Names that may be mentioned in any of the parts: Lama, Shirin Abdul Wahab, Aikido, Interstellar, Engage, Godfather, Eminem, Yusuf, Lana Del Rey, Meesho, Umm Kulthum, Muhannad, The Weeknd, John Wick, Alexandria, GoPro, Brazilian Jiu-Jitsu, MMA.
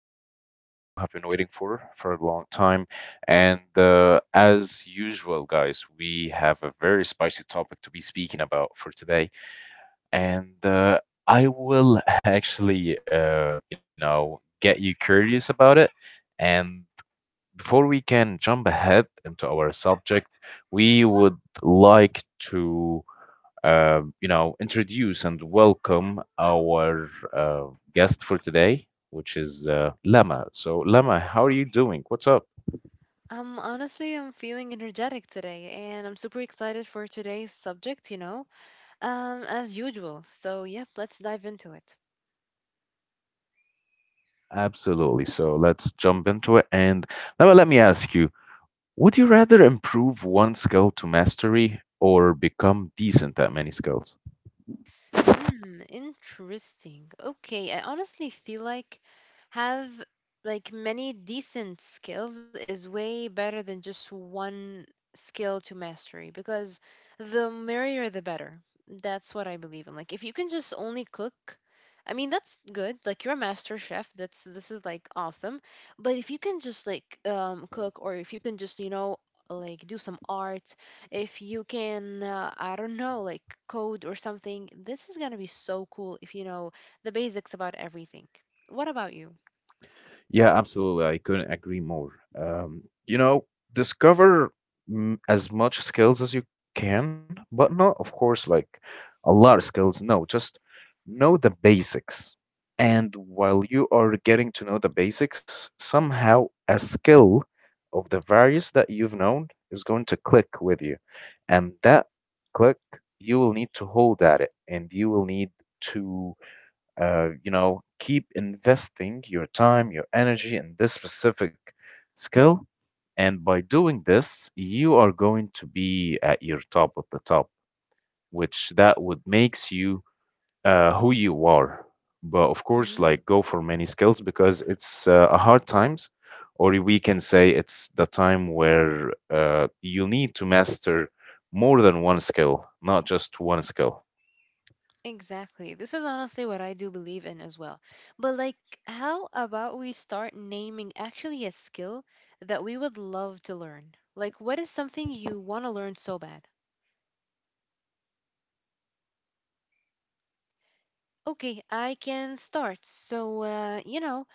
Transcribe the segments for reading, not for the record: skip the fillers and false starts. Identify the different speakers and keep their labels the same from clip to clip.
Speaker 1: that we all have been waiting for a long time. And As usual, guys, we have a very spicy topic to be speaking about for today. And I will get you curious about it. And before we can jump ahead into our subject, we would like to introduce and welcome our guest for today, which is Lama. So, Lama, how are you doing? What's up?
Speaker 2: Honestly, I'm feeling energetic today, and I'm super excited for today's subject, you know, as usual. So, yep, let's dive into it.
Speaker 1: Absolutely. So let's jump into it. And now let me ask you, would you rather improve one skill to mastery or become decent at many skills?
Speaker 2: Hmm, interesting. Okay, I honestly feel like have like many decent skills is way better than just one skill to mastery because the merrier the better. That's what I believe in. Like if you can just only cook, I mean that's good. Like you're a master chef. That's this is like awesome. But if you can just like cook, or if you can just, you know, like do some art, if you can I don't know, like code or something, this is going to be so cool if you know the basics about everything. What about you?
Speaker 1: Yeah, absolutely. I couldn't agree more. Um, you know, Discover as much skills as you can, but not, of course, like a lot of skills. No, just know the basics. And while you are getting to know the basics, somehow a skill of the various that you've known is going to click with you. And that click, you will need to hold at it and you will need to keep investing your time, your energy in this specific skill. And by doing this, you are going to be at your top of the top, which that would makes you who you are. But of course, like
Speaker 2: Mhm.
Speaker 1: go for many skills because it's a hard times, or we can say it's the time where you need to master more than one skill, not just one skill.
Speaker 2: Exactly. This is honestly what I do believe in as well. But like, how about we start naming actually a skill that we would love to learn? Like, what is something you want to learn so bad? Okay, I can start. So, you know,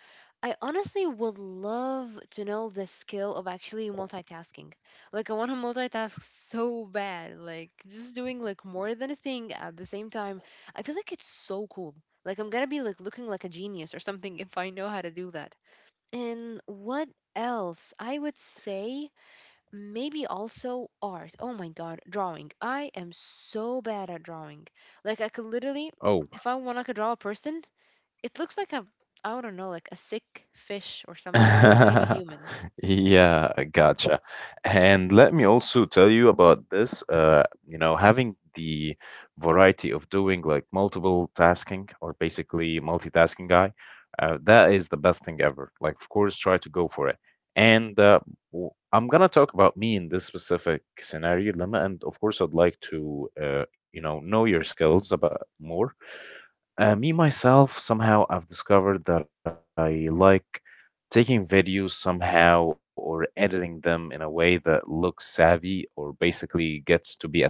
Speaker 2: I honestly would love to know the skill of actually multitasking. Like, I want to multitask so bad. Like, just doing like more than a thing at the same time. I feel like it's so cool. Like, I'm gonna be like looking like a genius or something if I know how to do that. And what else? I would say maybe also art. Oh my god, drawing. I am so bad at drawing. Like, I could literally,
Speaker 1: Oh,
Speaker 2: if I want, I could draw a person it looks like a I don't know, like a sick fish or something instead of a human.
Speaker 1: yeah, gotcha. And let me also tell you about this. Having the variety of doing like multiple tasking or basically multitasking guy, that is the best thing ever. Like, of course, try to go for it. And uh, I'm gonna talk about me in this specific scenario, Lama, and of course, I'd like to, know your skills about more. Me myself, somehow I've discovered that I like taking videos somehow or editing them in a way that looks savvy or basically gets to be a trend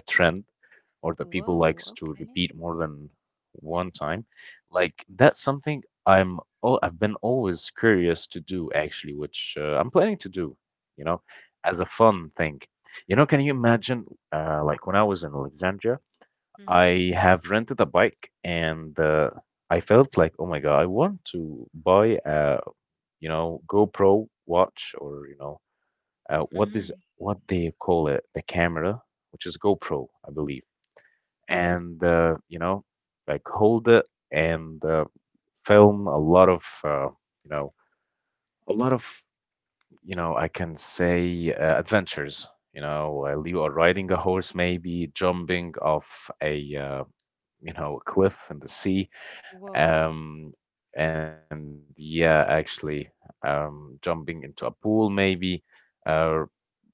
Speaker 1: or that people likes to
Speaker 2: Whoa,
Speaker 1: repeat more
Speaker 2: okay.
Speaker 1: than one time. Like that's something I've been always curious to do actually, which I'm planning to do, you know, as a fun thing. You know, can you imagine like when I was in Alexandria?
Speaker 2: Mhm.
Speaker 1: I have rented a bike and I felt like, oh my God, I want to buy a, GoPro watch or, what is
Speaker 2: Mhm.
Speaker 1: what they call it, the camera, which is GoPro, I believe. And uh, you know, like hold it and film a lot of, you know, a lot of, I can say adventures. You know, while you are riding a horse, maybe jumping off a, a cliff in the sea.
Speaker 2: Whoa.
Speaker 1: Um, and yeah, actually, jumping into a pool maybe, uh,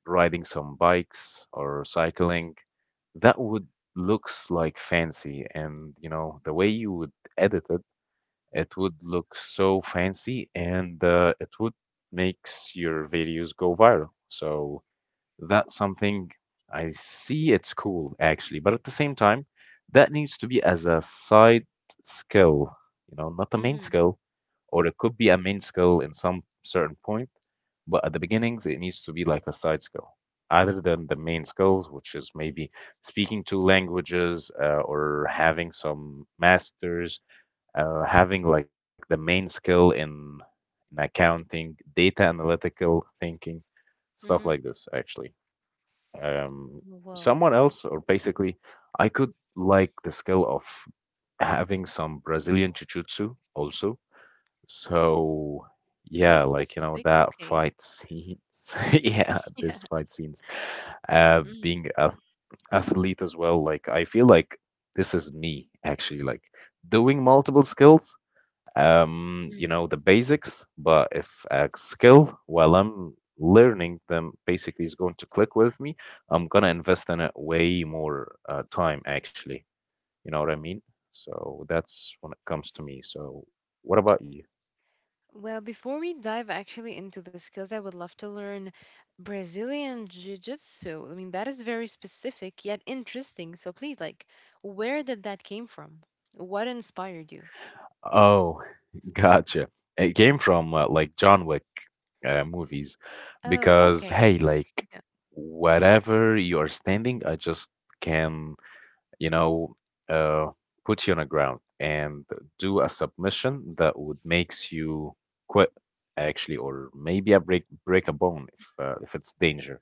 Speaker 1: riding some bikes or cycling, that would looks like fancy. And you know, the way you would edit it, it would look so fancy, and it would makes your videos go viral. So that's something I see it's cool actually, but at the same time, that needs to be as a side skill, you know, not a main
Speaker 2: Mhm.
Speaker 1: skill, or it could be a main skill in some certain point, but at the beginnings, it needs to be like a side skill, other than the main skills, which is maybe speaking two languages or having some masters, having like the main skill in accounting, data analytical thinking, stuff like
Speaker 2: Mhm.
Speaker 1: this, actually um,
Speaker 2: Whoa.
Speaker 1: someone else, or basically, I could like the skill of having some Brazilian jiu-jitsu also. So, yeah,
Speaker 2: That's
Speaker 1: like, you know,
Speaker 2: specific.
Speaker 1: that
Speaker 2: Okay.
Speaker 1: fight scenes, yeah, this
Speaker 2: Yeah.
Speaker 1: fight scenes,
Speaker 2: Mm.
Speaker 1: being a athlete as well, like, I feel like this is me actually, like doing multiple skills
Speaker 2: Mm.
Speaker 1: the basics. But if a skill, while I'm learning them, basically is going to click with me, I'm gonna invest in it way more time, actually. You know what I mean? So that's when it comes to me. So what about you?
Speaker 2: Well, before we dive actually into the skills, I would love to learn Brazilian Jiu-Jitsu. I mean, that is very specific yet interesting. So please, like, where did that came from? What inspired you?
Speaker 1: Oh, gotcha. It came from like John Wick movies
Speaker 2: Oh,
Speaker 1: because,
Speaker 2: okay.
Speaker 1: hey, like
Speaker 2: Yeah.
Speaker 1: whatever you are standing, I just can you know, uh, put you on the ground and do a submission that would makes you quit actually, or maybe a break a bone if it's danger,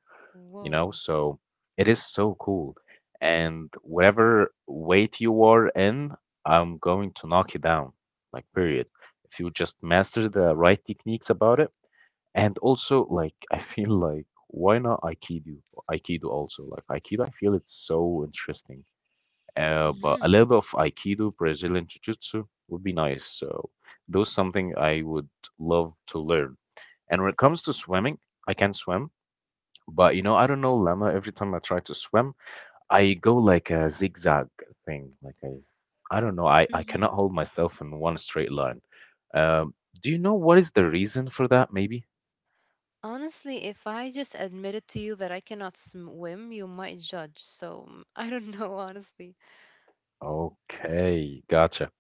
Speaker 1: you know.
Speaker 2: Whoa.
Speaker 1: So it is so cool, and whatever weight you are in, I'm going to knock you down, like period. If you just master the right techniques about it, and also like I feel like why not Aikido? Aikido also like Aikido. I feel it's so interesting but a little bit of Aikido, Brazilian Jiu-Jitsu would be nice. So those something I would love to learn. And when it comes to swimming, I can swim, but you know, I don't know, Lama, every time I try to swim, I go like a zigzag thing. Like I don't know, I cannot
Speaker 2: Hmm.
Speaker 1: hold myself in one straight line. Um, do you know what is the reason for that, maybe?
Speaker 2: Honestly, if I just admitted to you that I cannot swim, you might judge. So mm, I don't know, honestly.
Speaker 1: Okay, gotcha.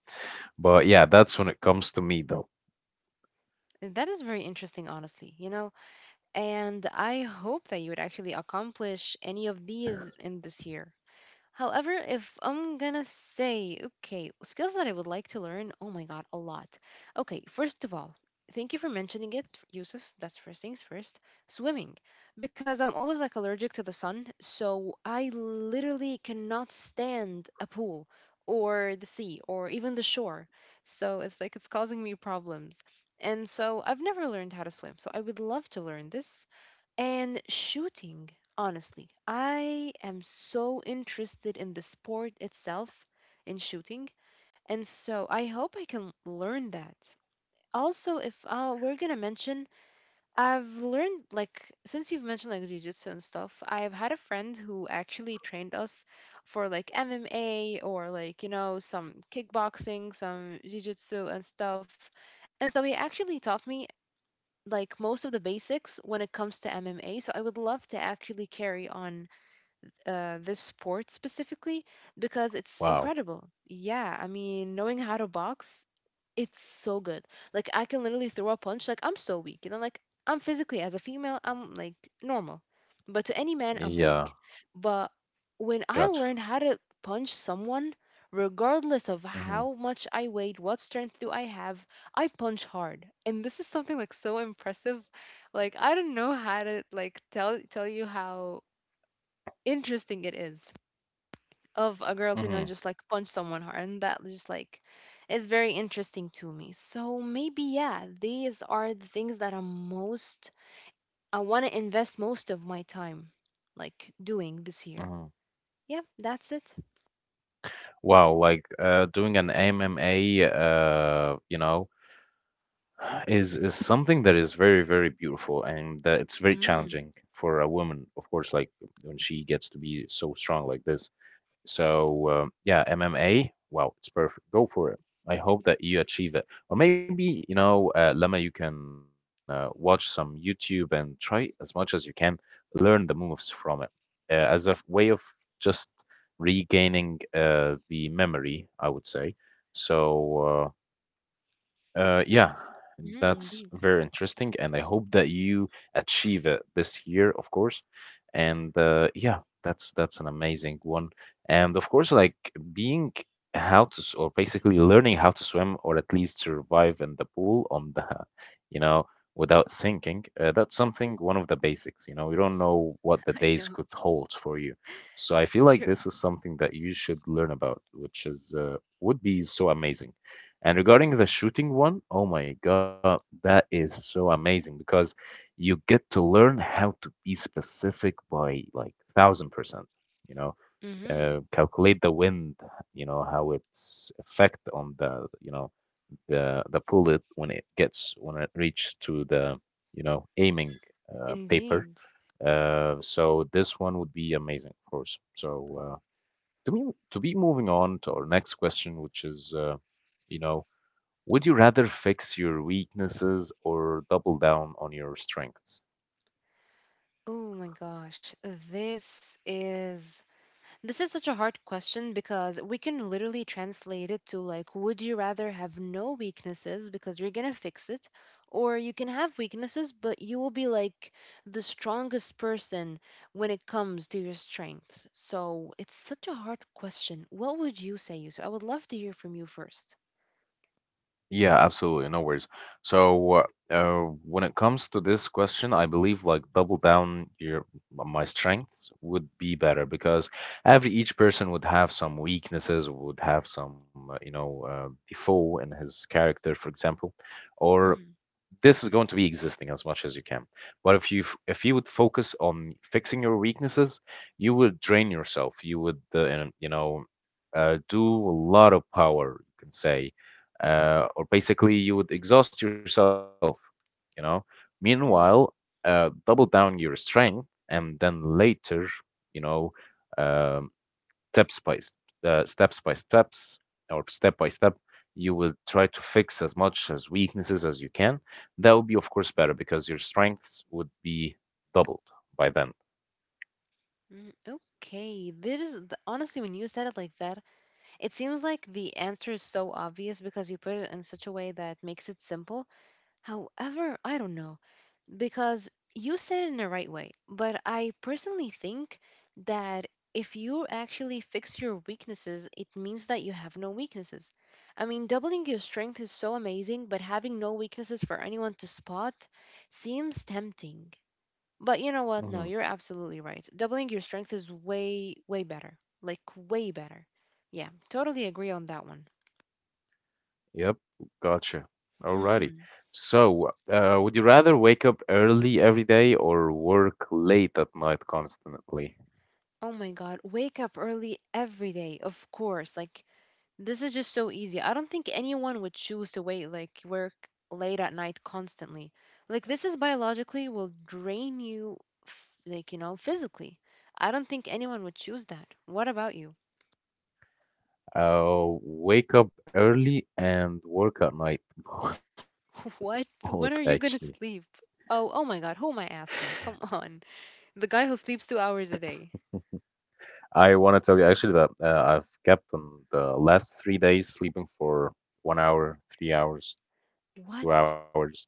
Speaker 1: But yeah, that's when it comes to me though.
Speaker 2: That is very interesting, honestly, you know? And I hope that you would actually accomplish any of these in this year. However, if I'm gonna say, okay, skills that I would like to learn, oh my God, a lot. Okay, first of all, thank you for mentioning it, Yusuf. That's first things first. Swimming, because I'm always like allergic to the sun, so I literally cannot stand a pool or the sea or even the shore. So it's like it's causing me problems. And so I've never learned how to swim, so I would love to learn this. And shooting, honestly, I am so interested in the sport itself, in shooting, and so I hope I can learn that. Also, if we're gonna mention, I've learned like since you've mentioned like jujitsu and stuff, I've had a friend who actually trained us for like MMA or like, you know, some kickboxing, some jujitsu and stuff, and so he actually taught me like most of the basics when it comes to MMA. So I would love to actually carry on this sport specifically because it's
Speaker 1: Wow.
Speaker 2: incredible. Yeah, I mean, knowing how to box, it's so good. Like I can literally throw a punch. Like I'm so weak. You know, like I'm physically as a female, I'm like normal. But to any man, I'm
Speaker 1: Yeah,
Speaker 2: weak. But when I
Speaker 1: gotcha.
Speaker 2: learn how to punch someone, regardless of
Speaker 1: Mm-hmm.
Speaker 2: how much I weighed, what strength do I have, I punch hard. And this is something like so impressive. Like I don't know how to like tell you how interesting it is of a girl to know
Speaker 1: Mm-hmm.
Speaker 2: just like punch someone hard, and that just like is very interesting to me. So maybe yeah, these are the things that I'm most, I want to invest most of my time like doing this year.
Speaker 1: Mm-hmm.
Speaker 2: Yeah, that's it.
Speaker 1: Wow, like doing an MMA, is something that is very, very beautiful and that it's very
Speaker 2: Mm-hmm,
Speaker 1: challenging for a woman, of course, like when she gets to be so strong like this. So yeah, MMA. Wow, it's perfect. Go for it. I hope that you achieve it. Or maybe, you know, Lama, you can watch some YouTube and try as much as you can, learn the moves from it way of just regaining the memory, I would say. So, yeah,
Speaker 2: mm-hmm,
Speaker 1: that's
Speaker 2: indeed.
Speaker 1: very interesting, and I hope that you achieve it this year, of course. And yeah, that's an amazing one. And of course, like being how to s- or basically learning how to swim or at least survive in the pool on the, you know, without sinking. That's something one of the basics. You know, you don't know what the
Speaker 2: I
Speaker 1: days
Speaker 2: know.
Speaker 1: could hold for you. So I feel like
Speaker 2: True.
Speaker 1: this is something that you should learn about, which is would be so amazing. And regarding the shooting one, oh my God, that is so amazing because you get to learn how to be specific by like 1000%, you know,
Speaker 2: Mm-hmm,
Speaker 1: calculate the wind, you know, how its effect on the, you know, the bullet when it gets when it reaches to the, you know, aiming paper.
Speaker 2: indeed.
Speaker 1: So this one would be amazing, of course. So uh, to be moving on to our next question, which is, you know would you rather fix your weaknesses or double down on your strengths?
Speaker 2: Oh my gosh. This is, this is such a hard question because we can literally translate it to like, would you rather have no weaknesses because you're gonna fix it, or you can have weaknesses but you will be like the strongest person when it comes to your strengths. So it's such a hard question. What would you say, Yusuf? I would love to hear from you first.
Speaker 1: Yeah, absolutely. No worries. So, uh, when it comes to this question, I believe like double down your my strengths would be better because every each person would have some weaknesses, would have some default in his character, for example, or
Speaker 2: Mm,
Speaker 1: this is going to be existing as much as you can. But if you would focus on fixing your weaknesses, you would drain yourself. You would you know do a lot of power, you can say, or basically you would exhaust yourself. You know. Meanwhile,
Speaker 2: mm,
Speaker 1: double down your strength, and then later, you know, um steps by s- steps by steps or step by step you will try to fix as much as weaknesses as you can that would be of course better because your strengths would be doubled by then.
Speaker 2: mm. Okay, this is honestly, when you said it like that, it seems like the answer is so obvious because you put it in such a way that makes it simple. However, I don't know, because you said it in the right way, but I personally think that if you actually fix your weaknesses, it means that you have no weaknesses. I mean, doubling your strength is so amazing, but having no weaknesses for anyone to spot seems tempting. But you know what? No,
Speaker 1: Hmm.
Speaker 2: you're absolutely right. Doubling your strength is way, way better. Like, way better. Yeah, totally agree on that one.
Speaker 1: Yep. Gotcha. Alrighty.
Speaker 2: Hmm.
Speaker 1: So would you rather wake up early every day or work late at night constantly?
Speaker 2: Oh my God, wake up early every day, of course. Like, this is just so easy. I don't think anyone would choose to wait like work late at night constantly. Like this is biologically will drain you, like, you know, physically. I don't think anyone would choose that. What about you?
Speaker 1: Wake up early and work at night, both, both
Speaker 2: What? When
Speaker 1: actually.
Speaker 2: are you going to sleep? Oh, oh my god, who am I asking? Come on. The guy who sleeps 2 hours a day.
Speaker 1: I want to tell you actually that I've kept on the last 3 days sleeping for 1 hour, 3 hours, two
Speaker 2: What?
Speaker 1: hours.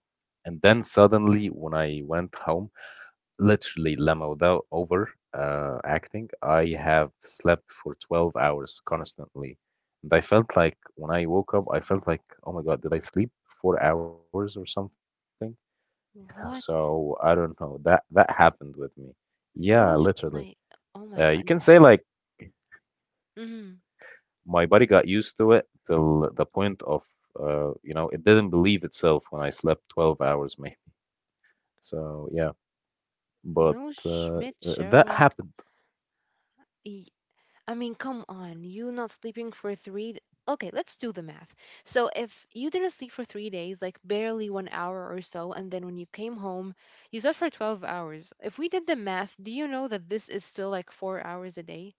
Speaker 1: And then suddenly, when I went home, literally, Lama, without over acting, I have slept for 12 hours constantly. And I felt like when I woke up, I felt like, oh my God, did I sleep 4 hours or something?
Speaker 2: What?
Speaker 1: So I don't know. That happened with me.
Speaker 2: No
Speaker 1: Yeah, literally.
Speaker 2: like, oh my
Speaker 1: You
Speaker 2: god.
Speaker 1: can say like
Speaker 2: Mhm.
Speaker 1: my body got used to it till the point of, it didn't believe itself when I slept 12 hours, maybe. So, yeah, but
Speaker 2: No
Speaker 1: uh, uh,
Speaker 2: Schmidt
Speaker 1: that
Speaker 2: Sherlock.
Speaker 1: happened.
Speaker 2: I mean, come on. You not sleeping for three. Okay, let's do the math. So, if you didn't sleep for 3 days, like barely one hour or so, and then when you came home, you slept for 12 hours. If we did the math, do you know that this is still like 4 hours a day?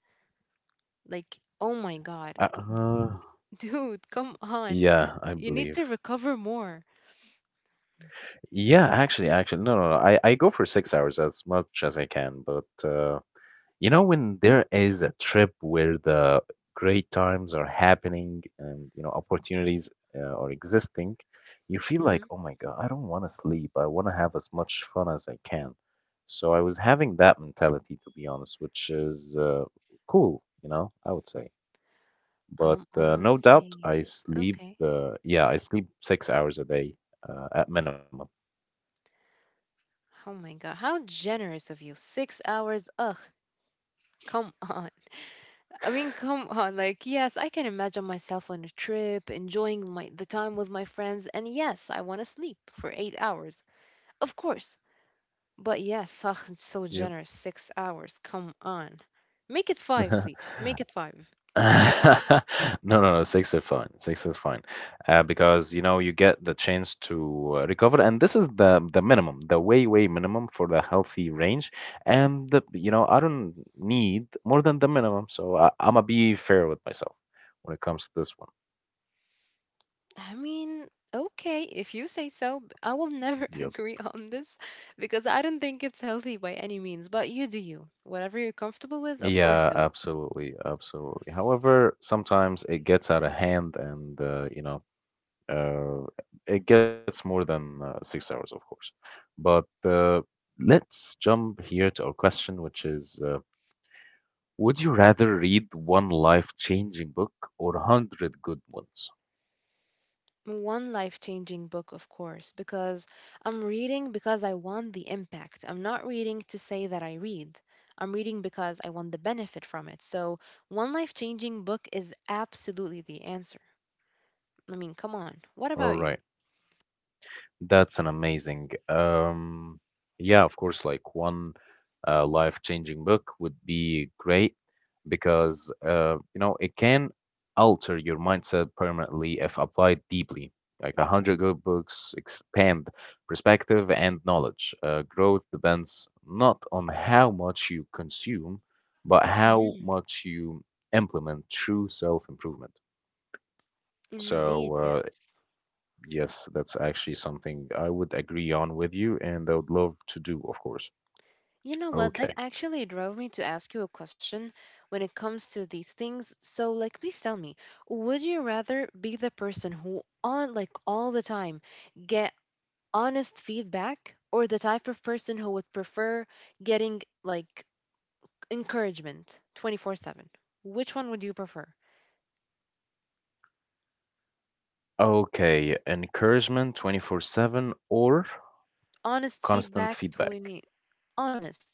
Speaker 2: Like, oh my God.
Speaker 1: Uh, uh,
Speaker 2: Dude, come on.
Speaker 1: yeah, I
Speaker 2: You need
Speaker 1: believe.
Speaker 2: to recover more.
Speaker 1: Yeah, actually, no, no, no. I go for 6 hours as much as I can, but when there is a trip where the great times are happening, and, you know, opportunities are existing, you feel
Speaker 2: Hmm.
Speaker 1: like, oh my God, I don't want to sleep. I want to have as much fun as I can. So I was having that mentality, to be honest, which is cool, you know, I would say. But No doubt I
Speaker 2: Honestly,
Speaker 1: sleep,
Speaker 2: okay.
Speaker 1: yeah, I sleep 6 hours a day at minimum.
Speaker 2: Oh my God. How generous of you. 6 hours. Ugh, come on. I mean, come on. Like, yes, I can imagine myself on a trip, enjoying my the time with my friends, and yes, I want to sleep for 8 hours. Of course. But yes, ugh, it's so
Speaker 1: Yep.
Speaker 2: generous. 6 hours. Come on. Make it five, please. Make it five.
Speaker 1: No, no, no, six is fine. Six is fine, because you know you get the chance to recover, and this is the minimum, the way minimum for the healthy range. And the, you know I don't need more than the minimum, so I'm gonna be fair with myself when it comes to this one.
Speaker 2: I mean, okay, if you say so. I will never
Speaker 1: Yep.
Speaker 2: agree on this because I don't think it's healthy by any means. But you do you. Whatever you're comfortable with, of course,
Speaker 1: Yeah,
Speaker 2: do it.
Speaker 1: absolutely, absolutely. However, sometimes it gets out of hand, and Uh, it gets more than 6 hours, of course. But Let's jump here to our question, which is would you rather read one life changing book or 100 good ones?
Speaker 2: One life changing book, of course, because I'm reading because I want the impact. I'm not reading to say that I read. I'm reading because I want the benefit from it. So, one life changing book is absolutely the answer. I mean, come on. What
Speaker 1: All
Speaker 2: about you?
Speaker 1: right. That's an amazing. Yeah, of course, like one life-changing book would be great because you know it can alter your mindset permanently if applied deeply. Like a hundred good books expand perspective and knowledge. Growth depends not on how much you consume, but how
Speaker 2: Hmm.
Speaker 1: much you implement true self-improvement.
Speaker 2: Indeed,
Speaker 1: So uh,
Speaker 2: yes.
Speaker 1: Yes, that's actually something I would agree on with you, and I would love to do, of course.
Speaker 2: You know what? That
Speaker 1: Okay.
Speaker 2: actually drove me to ask you a question when it comes to these things. So, like, please tell me, would you rather be the person who on like all the time get honest feedback or the type of person who would prefer getting like encouragement 24/7, which one would you prefer?
Speaker 1: Okay. Encouragement 24/7 or constant
Speaker 2: Honest
Speaker 1: feedback.
Speaker 2: feedback 20 honest.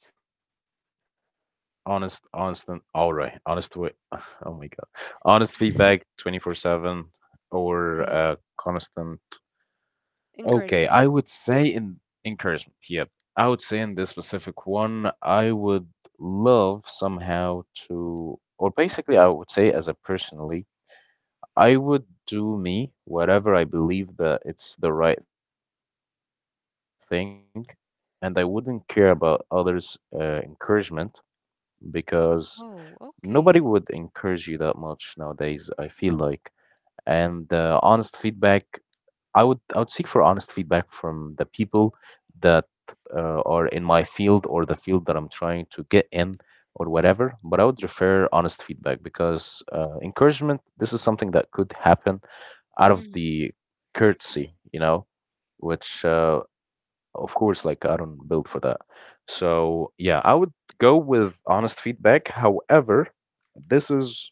Speaker 1: Honest, honest, and all right. Honest way. Oh my God. Honest feedback 24/7 or
Speaker 2: Mhm.
Speaker 1: constant. Okay.
Speaker 2: Encouragement.
Speaker 1: I would say in encouragement. Yep. I would say in this specific one, I would love somehow to, or basically, I would say as a personally I would do me, whatever I believe that it's the right thing, and I wouldn't care about others' encouragement, because
Speaker 2: Oh
Speaker 1: nobody
Speaker 2: okay.
Speaker 1: would encourage you that much nowadays, I feel like. And honest feedback, I would seek for honest feedback from the people that are in my field or the field that I'm trying to get in or whatever. But I would prefer honest feedback because encouragement, this is something that could happen out of
Speaker 2: Mhm.
Speaker 1: the courtesy, you know, which of course, like I don't build for that. So yeah, I would go with honest feedback. However, this is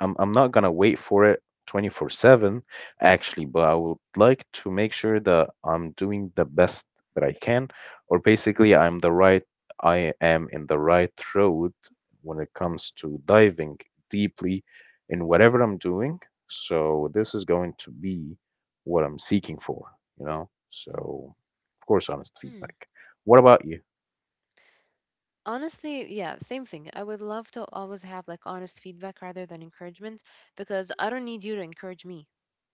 Speaker 1: I'm not gonna wait for it 24/7 actually, but I would like to make sure that I'm doing the best that I can, or basically I am in the right road when it comes to diving deeply in whatever I'm doing. So this is going to be what I'm seeking for, you know? So of course, honest
Speaker 2: Hmm.
Speaker 1: feedback. What about you?
Speaker 2: Honestly, yeah, same thing. I would love to always have like honest feedback rather than encouragement because I don't need you to encourage me.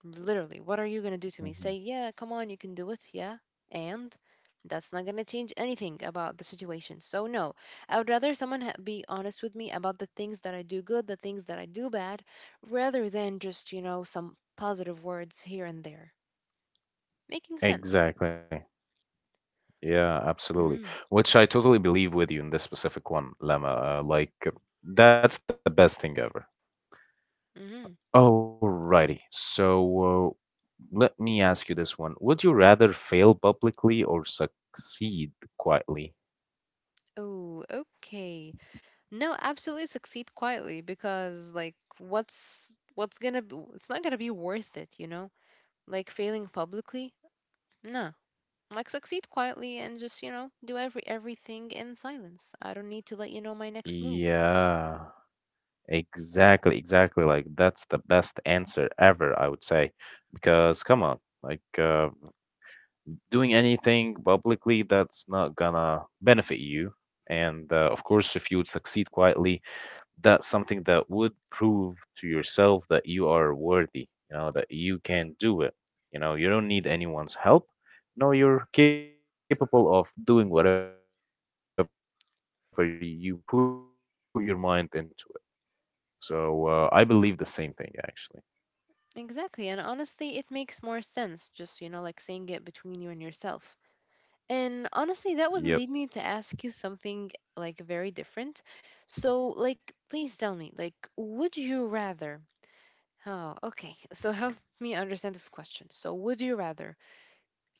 Speaker 2: Literally, what are you going to do to me? Say,
Speaker 1: Mhm.
Speaker 2: yeah, come on, you can do it. Yeah. And that's not going to change anything about the situation. So, no, I would rather someone be honest with me about the things that I do good, the things that I do bad, rather than just, you know, some positive words here and there. Making sense.
Speaker 1: Exactly. Yeah,
Speaker 2: Mm
Speaker 1: absolutely.
Speaker 2: hmm.
Speaker 1: Which I totally believe with you in this specific one, Lemma. Like, that's the best thing ever.
Speaker 2: Mm hmm.
Speaker 1: Alrighty. So, uh, let me ask you this one. Would you rather fail publicly or succeed quietly?
Speaker 2: Oh, okay. No, absolutely succeed quietly because like what's gonna be, it's not gonna be worth it, you know? Like failing publicly? No. Like succeed quietly and just, you know, do everything in silence. I don't need to let you know my next move.
Speaker 1: Yeah, exactly, exactly. Like, that's the best answer ever, I would say. Because, come on, like, doing anything publicly, that's not gonna benefit you. And of course, if you would succeed quietly, that's something that would prove to yourself that you are worthy, you know, that you can do it. You know, you don't need anyone's help. No, you're capable of doing whatever you put your mind into it. I believe the same thing, actually.
Speaker 2: Exactly, and honestly it makes more sense just, you know, like saying it between you and yourself. And honestly that would lead me to ask you something like very different.
Speaker 1: Yep.
Speaker 2: So like please tell me, like would you rather Oh, okay. So help me understand this question. So, would you rather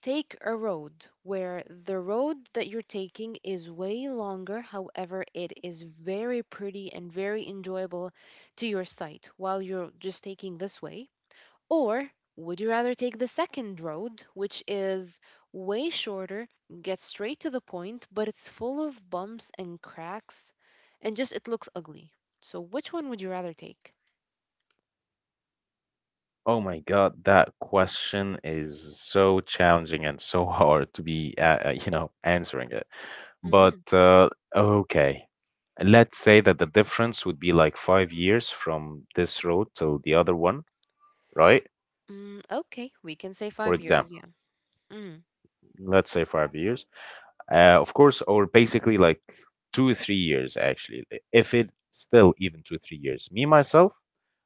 Speaker 2: take a road where the road that you're taking is way longer, however, it is very pretty and very enjoyable to your sight while you're just taking this way? Or would you rather take the second road, which is way shorter, gets straight to the point, but it's full of bumps and cracks and just it looks ugly? So, which one would you rather take?
Speaker 1: Oh my God, that question is so challenging and so hard to be, you know, answering it. But Okay, let's say that the difference would be like 5 years from this road to the other one, right?
Speaker 2: Mm, okay, we can say
Speaker 1: For
Speaker 2: 5 years,
Speaker 1: example,
Speaker 2: yeah. Mm,
Speaker 1: let's say 5 years. Of course, or basically like 2 or 3 years, actually. If it still even 2 or 3 years, me myself,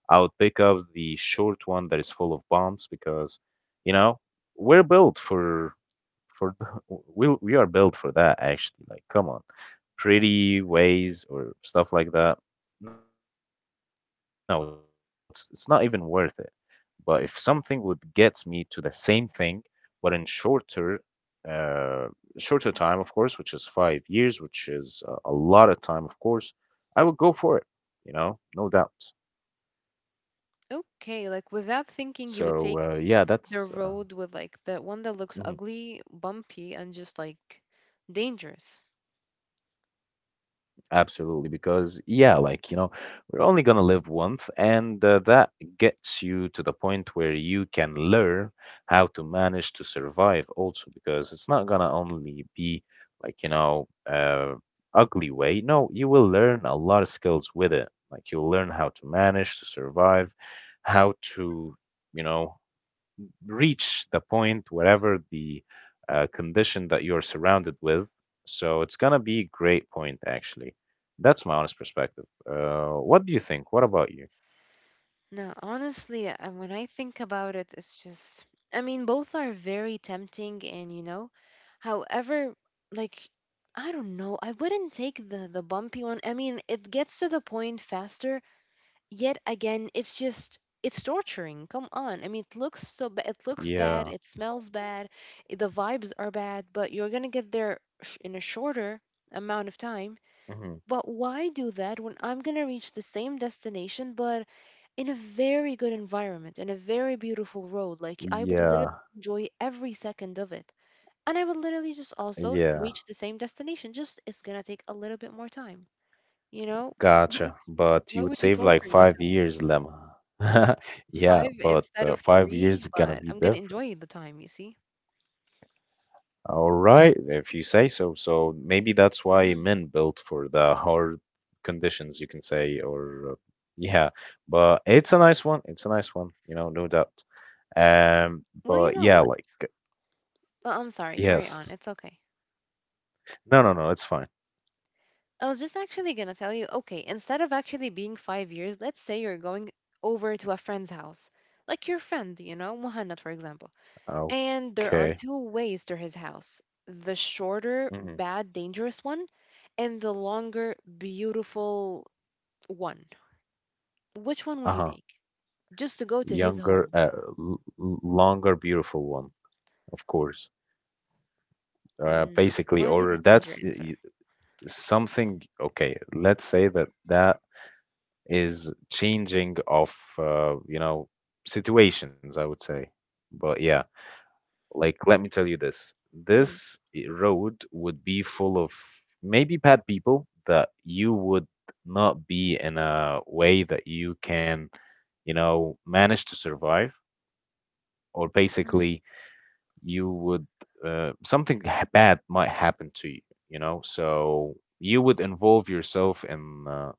Speaker 1: I would pick up the short one that is full of bombs, because, you know, we're built for the, we are built for that actually. Like, come on, pretty ways or stuff like that. No, it's not even worth it. But if something would get me to the same thing, but in shorter, uh, shorter time, of course, which is 5 years, which is a lot of time, of course, I would go for it. You know, no doubt.
Speaker 2: okay, like without thinking, you would take
Speaker 1: So yeah,
Speaker 2: the
Speaker 1: that's.
Speaker 2: road with like the one that looks
Speaker 1: Mhm.
Speaker 2: ugly, bumpy, and just like dangerous.
Speaker 1: Absolutely, because yeah, like you know, we're only gonna live once, and that gets you to the point where you can learn how to manage to survive also, because it's not gonna only be like you know, ugly way. No, you will learn a lot of skills with it. Like you'll learn how to manage to survive, how to, you know, reach the point wherever the condition that you're surrounded with. So it's gonna be a great point actually. That's my honest perspective. What do you think? What about you?
Speaker 2: No, honestly, when I think about it, it's just, I mean, both are very tempting, and you know, however, like, I don't know, I wouldn't take the bumpy one. I mean, it gets to the point faster yet again it's just it's torturing. Come on, I mean, it looks so bad, it looks bad,
Speaker 1: Yeah.
Speaker 2: it smells bad, the vibes are bad, but you're gonna get there in a shorter amount of time.
Speaker 1: Hmm.
Speaker 2: But why do that when I'm gonna reach the same destination but in a very good environment, in a very beautiful road? Like, I would literally
Speaker 1: Yeah.
Speaker 2: enjoy every second of it, and I would literally just also
Speaker 1: Yeah.
Speaker 2: reach the same destination, just it's gonna take a little bit more time, you know. Wh-
Speaker 1: Gotcha. But you
Speaker 2: why
Speaker 1: would
Speaker 2: would you
Speaker 1: save like
Speaker 2: torture
Speaker 1: five
Speaker 2: yourself?
Speaker 1: years, Lemma. Yeah,
Speaker 2: 5
Speaker 1: but
Speaker 2: instead of
Speaker 1: five
Speaker 2: 3,
Speaker 1: years gonna
Speaker 2: but
Speaker 1: be
Speaker 2: I'm going to
Speaker 1: different.
Speaker 2: enjoy the time, you see?
Speaker 1: All right, if you say so. So maybe that's why
Speaker 2: Mm.
Speaker 1: men built for the hard conditions, you can say, or yeah. But it's a nice one. It's a nice one, you know, no doubt.
Speaker 2: Well, you
Speaker 1: But
Speaker 2: know
Speaker 1: yeah,
Speaker 2: what?
Speaker 1: like
Speaker 2: Oh, I'm sorry. Carry on.
Speaker 1: yes.
Speaker 2: It's okay.
Speaker 1: No, no, no, it's fine.
Speaker 2: I was just actually going to tell you, okay, instead of actually being 5 years, let's say you're going over to a friend's house, like your friend, you know, Muhannad, for example. And there are
Speaker 1: Okay.
Speaker 2: two ways to his house, the shorter,
Speaker 1: Hmm.
Speaker 2: bad, dangerous one, and the longer, beautiful one. Which one would you
Speaker 1: Uh-huh.
Speaker 2: take? Just to go to his
Speaker 1: Younger,
Speaker 2: home.
Speaker 1: uh, Longer, beautiful one, of course.
Speaker 2: Mm,
Speaker 1: Basically,
Speaker 2: why did
Speaker 1: or
Speaker 2: you change
Speaker 1: that's
Speaker 2: your
Speaker 1: y-
Speaker 2: answer?
Speaker 1: something. Okay, let's say that that is changing of you know situations, I would say, but yeah, like let me tell you, this road would be full of maybe bad people that you would not be in a way that you can, you know, manage to survive, or
Speaker 2: Mhm,
Speaker 1: basically you would something bad might happen to you, you know. So you would involve yourself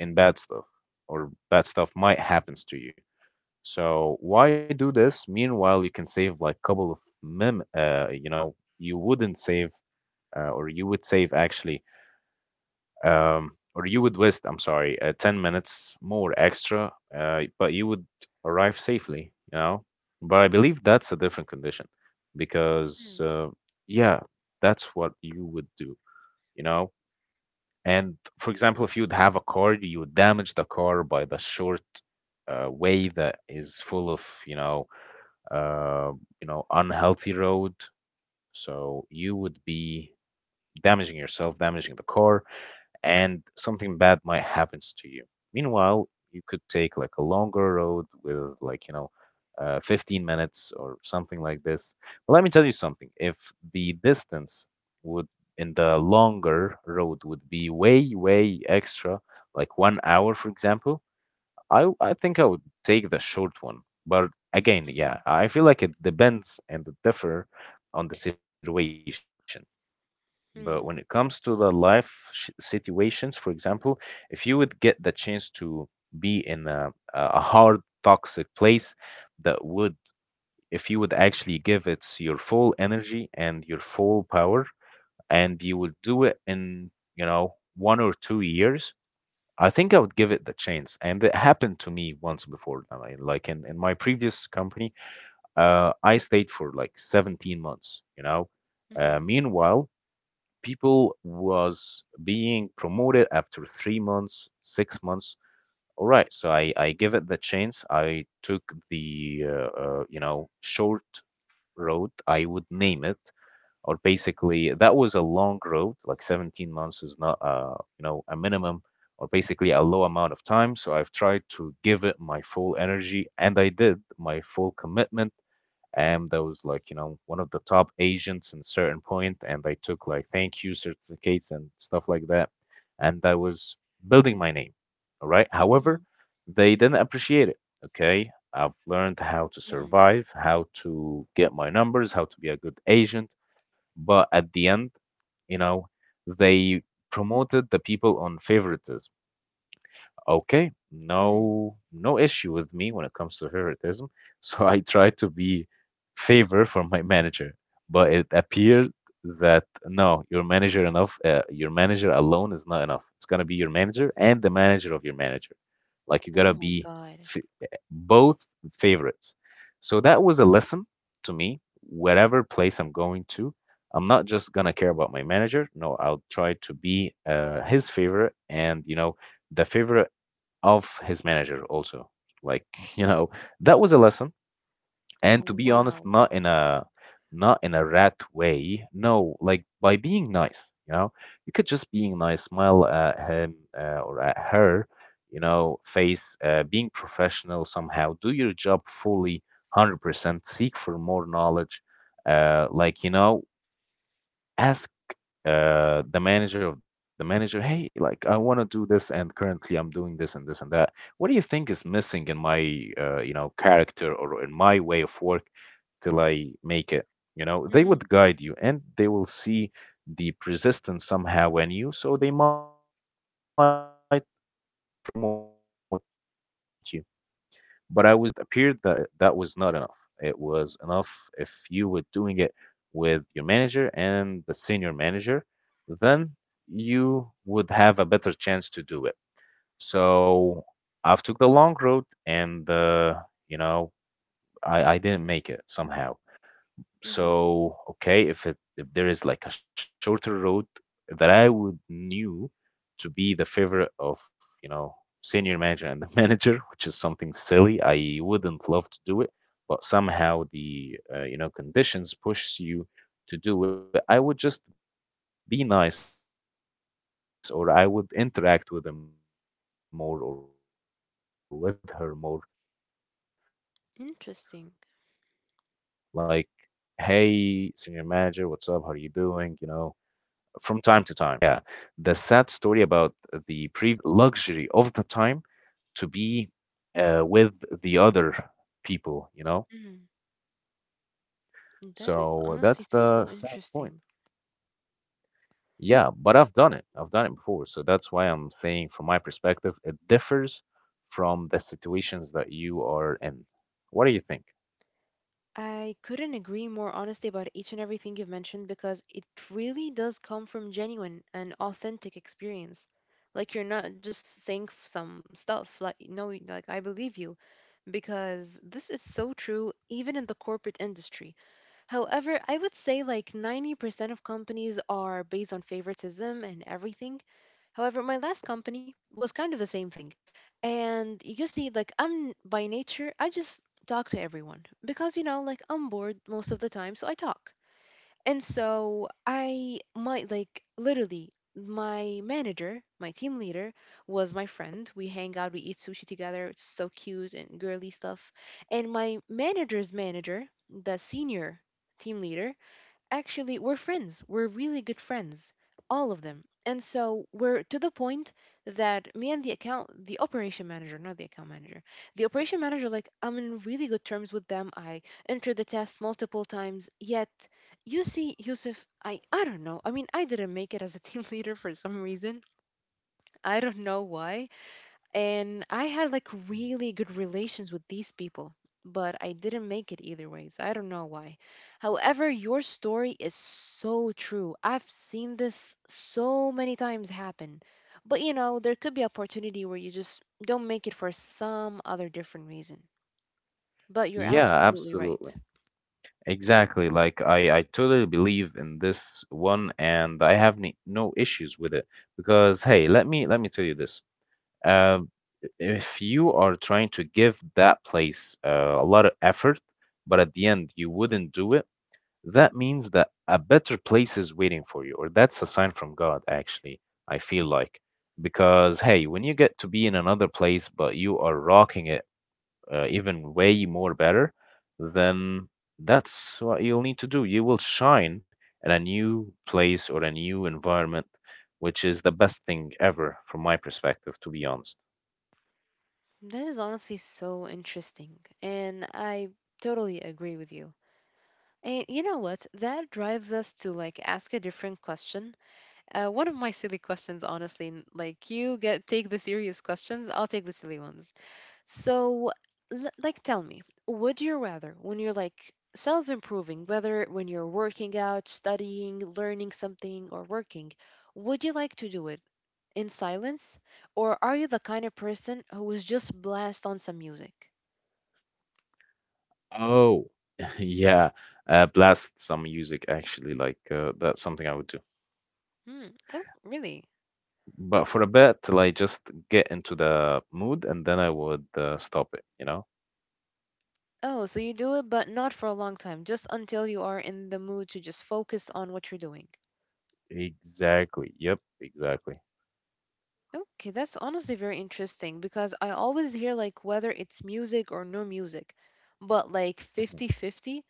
Speaker 1: in bad stuff, or bad stuff might happens to you. So why do this? Meanwhile, you can save like couple of mem you know, you wouldn't save or you would save actually, um or you would waste, I'm sorry, 10 minutes more extra, but you would arrive safely, you know. But I believe that's a different condition, because
Speaker 2: mm,
Speaker 1: yeah, that's what you would do, you know. And for example, if you would have a car, you would damage the car by the short way that is full of uh, you know, unhealthy road. So you would be damaging yourself, damaging the car, and something bad might happen to you. Meanwhile, you could take like a longer road with like, you know, 15 minutes or something like this. But let me tell you something. If the distance would in the longer road would be way, way extra, like 1 hour, for example, I think I would take the short one, but again, yeah,
Speaker 2: mhm,
Speaker 1: I feel like it depends and it differ on the situation. But when it
Speaker 2: mm,
Speaker 1: comes to the life sh situations, for example, if you would get the chance to be in a, a hard, toxic place that would, if you would actually give it your full energy and your full power, and you would do it in, you know, 1 or 2 years, I think I would give it the chance, and it happened to me once before. I mean, like in my previous company, I stayed for like 17 months, you know.
Speaker 2: mhm,
Speaker 1: Meanwhile, people was being promoted after 3 months, 6 months. All right, so I give it the chance. I took the you know short road, I would name it, or basically that was a long road, like 17 months is not you know a minimum, or basically a low amount of time, so I've tried to give it my full energy and I did my full commitment, and I was like, you know, one of the top agents in a certain point, and I took like thank you certificates and stuff like that, and I was building my name. All right.
Speaker 2: mhm,
Speaker 1: However, they didn't appreciate it. Okay. I've learned how to
Speaker 2: mhm,
Speaker 1: survive, how to get my numbers, how to be a good agent, but at the end, you know, they promoted the people on favoritism. Okay,
Speaker 2: mhm.
Speaker 1: no no issue with me when it comes to favoritism. So I tried to be favor for my manager, but it appeared that no, your manager enough, your manager alone is not enough. It's gonna be your manager and the manager of your manager. Like you
Speaker 2: Oh
Speaker 1: gotta
Speaker 2: my
Speaker 1: be
Speaker 2: God.
Speaker 1: both favorites. So that was a lesson to me. Whatever place I'm going to, I'm not just gonna care about my manager. No, I'll try to be his favorite, and the favorite of his manager also, like you know that was a lesson. And to be honest,
Speaker 2: Wow.
Speaker 1: not in a rat way. No, like by being nice, you could just being nice, smile at him, or at her, face, being professional, somehow do your job fully 100%, seek for more knowledge. Like, ask the manager of the manager, hey, like I want to do this, and currently I'm doing this and this and that. What do you think is missing in my character or in my way of work till I make it? You know, they
Speaker 2: Mhm,
Speaker 1: would guide you, and they will see the persistence somehow in you, so they might promote you. But I was doing this just only with my team leader, and it appeared that that was not enough. It was enough if you were doing it with your manager and the senior manager, then you would have a better chance to do it. So I've took the long road, and you know I didn't make it somehow.
Speaker 2: mhm.
Speaker 1: So, okay, if there is like a shorter road that I would knew to be the favorite of, you know, senior manager and the manager, which is something silly, I wouldn't love to do it, but somehow the conditions push you to do it. I would just be nice, or I would interact with him more or with her more,
Speaker 2: Interesting.
Speaker 1: like, hey, senior manager, what's up? How are you doing? You know, from time to time, you know. But the sad story yeah the sad story about the previous job is, it didn't
Speaker 2: Mhm.
Speaker 1: give you the luxury
Speaker 2: That
Speaker 1: of the
Speaker 2: is
Speaker 1: time
Speaker 2: honestly so
Speaker 1: to be
Speaker 2: interesting.
Speaker 1: with the other people, you know, so that's the sad point. Yeah, but I've done it, I've done it before, so that's why I'm
Speaker 2: I
Speaker 1: saying from my
Speaker 2: couldn't agree
Speaker 1: perspective
Speaker 2: more
Speaker 1: it
Speaker 2: honestly about
Speaker 1: differs
Speaker 2: each and everything you've
Speaker 1: from the
Speaker 2: mentioned because
Speaker 1: situations
Speaker 2: it
Speaker 1: that you
Speaker 2: really
Speaker 1: are
Speaker 2: does
Speaker 1: in.
Speaker 2: come from
Speaker 1: What do you think?
Speaker 2: genuine and authentic experience. Like, you're not just saying some stuff. Like, no, like, I believe you because this is so true even in the corporate industry. However, I would say like 90% of companies are based on favoritism and everything. However, my last company was kind of the same thing. And you see, like, I'm by nature, I just talk to everyone because, you know, like, I'm bored most of the time, so I talk. And so I might like literally, my manager, my team leader, was my friend. We hang out, we eat sushi together. It's so cute and girly stuff. And my manager's manager, the senior team leader, actually, we're friends, we're really good friends, all of them. And so we're to the point that me and the account the operation manager, not the account manager, the operation manager, like, I'm in really good terms with them. I entered the test multiple times, yet, you see, Yusuf, I don't know, I mean, I didn't make it as a team leader for some reason. I don't know why. And I had like really good relations with these people, but I didn't make it either ways. I don't know why. However, your story is so true. I've seen this so many times happen. But you know, there could be opportunity where you just don't make it for some other different reason. But you're
Speaker 1: Yeah,
Speaker 2: absolutely right.
Speaker 1: absolutely. Exactly. Like I totally believe in this one, and I have no issues with it, because hey, let me tell you this. Um, if you are trying to give that place a lot of effort, but at the end you wouldn't do it, that means that a better place is waiting for you, or that's a sign from God, actually, I feel like. Because hey,
Speaker 2: Mm.
Speaker 1: when you get to be in another place, but you are rocking it, even way more better, then that's what you'll need to do. You will shine in a new place or a new environment, which is the best thing ever from my perspective, to be honest.
Speaker 2: That is honestly so interesting, and I totally agree with you. And you know what? That drives us to like ask a different question. One of my silly questions, honestly, like, you get take the serious questions, I'll take the silly ones. So, like, tell me, would you rather, when you're like self-improving, whether when you're working out, studying, learning something, or working, would you like to do it in silence, or are you the kind of person who is just blast on some music?
Speaker 1: Oh, yeah. Blast some music actually, like, that's something I would do,
Speaker 2: Hmm. Oh, really?
Speaker 1: but for a bit till I just get into the mood, and then I would stop it, you know.
Speaker 2: Oh, so you do it, but not for a long time, just until you are in the mood to just focus on what you're doing.
Speaker 1: Exactly, yep, exactly.
Speaker 2: Okay, that's honestly very interesting because I always hear like whether it's music or no music, but like
Speaker 1: Mhm.
Speaker 2: 50-50.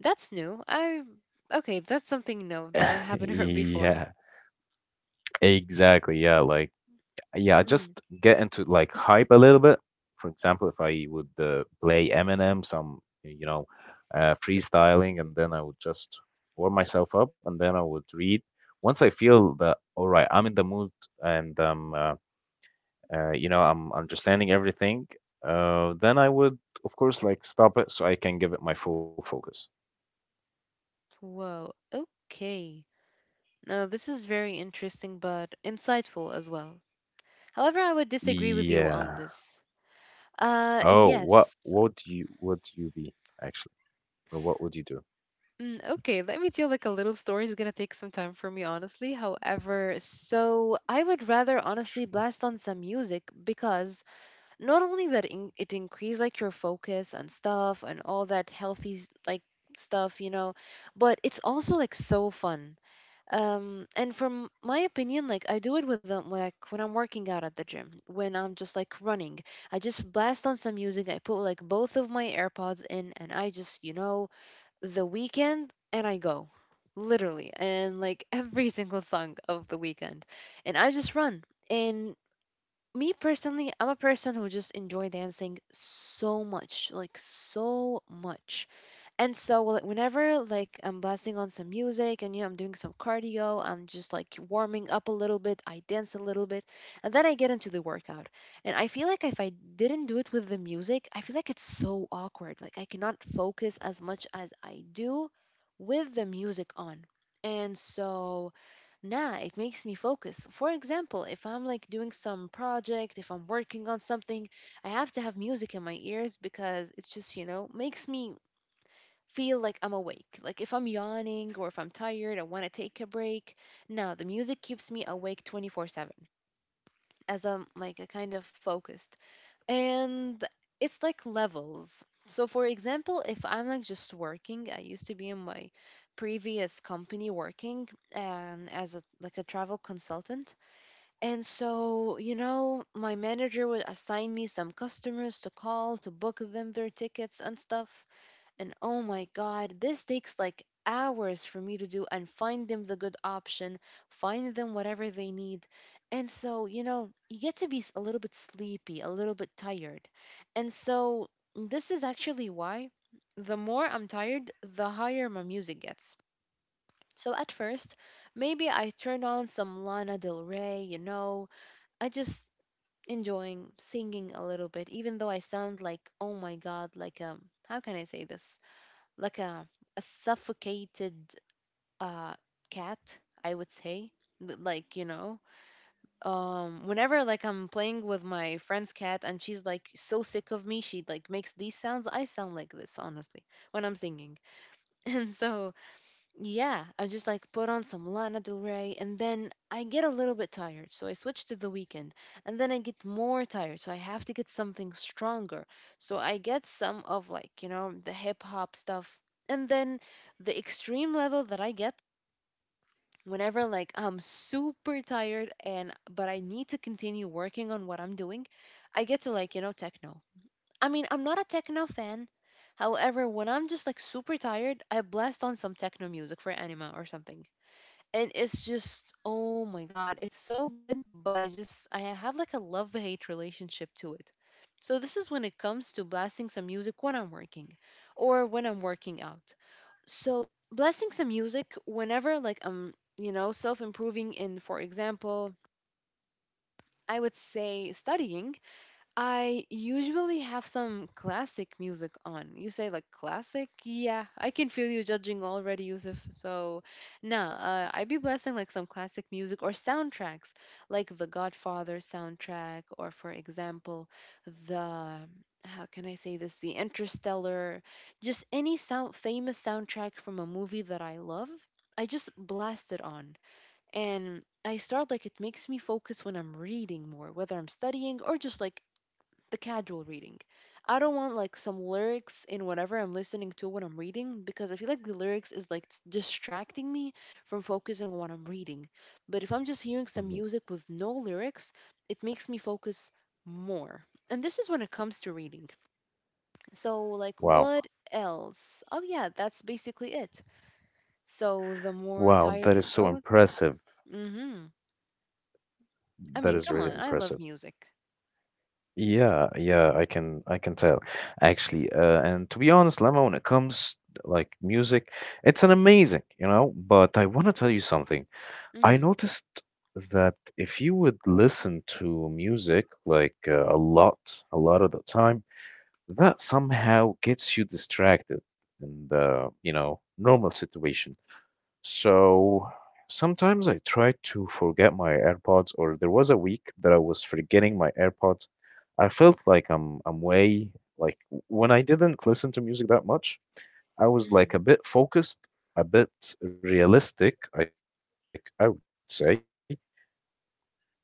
Speaker 2: That's new. I, okay, that's something new that I haven't heard before.
Speaker 1: Yeah, exactly, yeah, like, yeah,
Speaker 2: Mm.
Speaker 1: just get into like hype a little bit. For example, if I would play Eminem, some, you know, freestyling, and then I would just warm myself up, and then I would read. Once I feel that all right, I'm in the mood, and you know, I'm understanding everything. Then I would, of course, like stop it so I can give it my full focus.
Speaker 2: Whoa, okay. No, this is very interesting but insightful as well. However, I would disagree with you on
Speaker 1: Yeah.
Speaker 2: this.
Speaker 1: Oh, what
Speaker 2: Yes.
Speaker 1: what do you, would you be actually, or what would you do?
Speaker 2: Mm, okay, let me tell like a little story. It's gonna take some time for me, honestly. However, so I would rather honestly blast on some music because not only that in it increase like your focus and stuff and all that healthy like stuff, you know, but it's also like so fun. And from my opinion, like I do it with like when I'm working out at the gym, when I'm just like running, I just blast on some music. I put like both of my AirPods in, and I just, you know, the Weekend and I go. Literally. And like every single song of The Weekend. And I just run. And me personally, I'm a person who just enjoy dancing so much, like so much. And so, well, whenever like I'm blasting on some music and, you know, I'm doing some cardio, I'm just like warming up a little bit, I dance a little bit, and then I get into the workout. And I feel like if I didn't do it with the music, I feel like it's so awkward. Like, I cannot focus as much as I do with the music on. And so, nah, it makes me focus. For example, if I'm like doing some project, if I'm working on something, I have to have music in my ears because it just, you know, makes me feel like I'm awake. Like, if I'm yawning or if I'm tired, I want to take a break. No, the music keeps me awake 24/7, as I'm like a kind of focused. And it's like levels. So, for example, if I'm like just working, I used to be in my previous company working and as a like a travel consultant. And so, you know, my manager would assign me some customers to call to book them their tickets and stuff. And oh my God, this takes like hours for me to do and find them the good option, find them whatever they need. And so, you know, you get to be a little bit sleepy, a little bit tired. And so, this is actually why the more I'm tired, the higher my music gets. So, at first, maybe I turn on some Lana Del Rey, you know, I just enjoying singing a little bit, even though I sound like, oh my God, like, how can I say this? Like a suffocated uh, cat, I would say. Like, you know, whenever like I'm playing with my friend's cat and she's like so sick of me, she like makes these sounds. I sound like this, honestly, when I'm singing. And so, yeah, I just like put on some Lana Del Rey and then I get a little bit tired. So I switch to the weekend and then I get more tired. So I have to get something stronger. So I get some of like, you know, the hip hop stuff. And then the extreme level that I get whenever like I'm super tired and but I need to continue working on what I'm doing, I get to like, you know, techno. I mean, I'm not a techno fan. However, when I'm just like super tired, I blast on some techno music for anima or something, and it's just, oh my God, it's so good, but I just, I have like a love hate relationship to it. So this is when it comes to blasting some music when I'm working or when I'm working out. So, blasting some music whenever like I'm, you know, self improving in, for example, I would say, studying, I usually have some classic music on. You say like classic? Yeah, I can feel you judging already, Yusuf. So, nah, I be blasting like some classic music or soundtracks, like the Godfather soundtrack, or for example, the how can I say this? The Interstellar, just any sound famous soundtrack from a movie that I love. I just blast it on and I start like it makes me focus when I'm reading more, whether I'm studying or just like the casual reading. I don't want like some lyrics in whatever I'm listening to when I'm reading because I feel like the lyrics is like distracting me from focusing on what I'm reading. But if I'm just hearing some
Speaker 1: Mhm.
Speaker 2: music with no lyrics, it makes me focus more. And this is when it comes to reading. So, like,
Speaker 1: Wow.
Speaker 2: what else? Oh yeah, that's basically it. So the more
Speaker 1: Wow,
Speaker 2: tired
Speaker 1: that
Speaker 2: you
Speaker 1: is so
Speaker 2: grow,
Speaker 1: impressive.
Speaker 2: mhm. I mean,
Speaker 1: That is
Speaker 2: come on,
Speaker 1: really
Speaker 2: I love
Speaker 1: impressive.
Speaker 2: music.
Speaker 1: Yeah, yeah, I can tell actually. And to be honest, Lama, when it comes like music, it's an amazing, you know, but I want to tell you something. I
Speaker 2: Mm,
Speaker 1: noticed that if you would listen to music like, a lot of the time, that somehow gets you distracted in the, you know, normal situation. So sometimes I try to forget my AirPods, or there was a week that I was forgetting my AirPods. I felt like I'm way like when I didn't listen to music that much, I was like
Speaker 2: mm,
Speaker 1: a bit focused, a bit realistic, like I would say,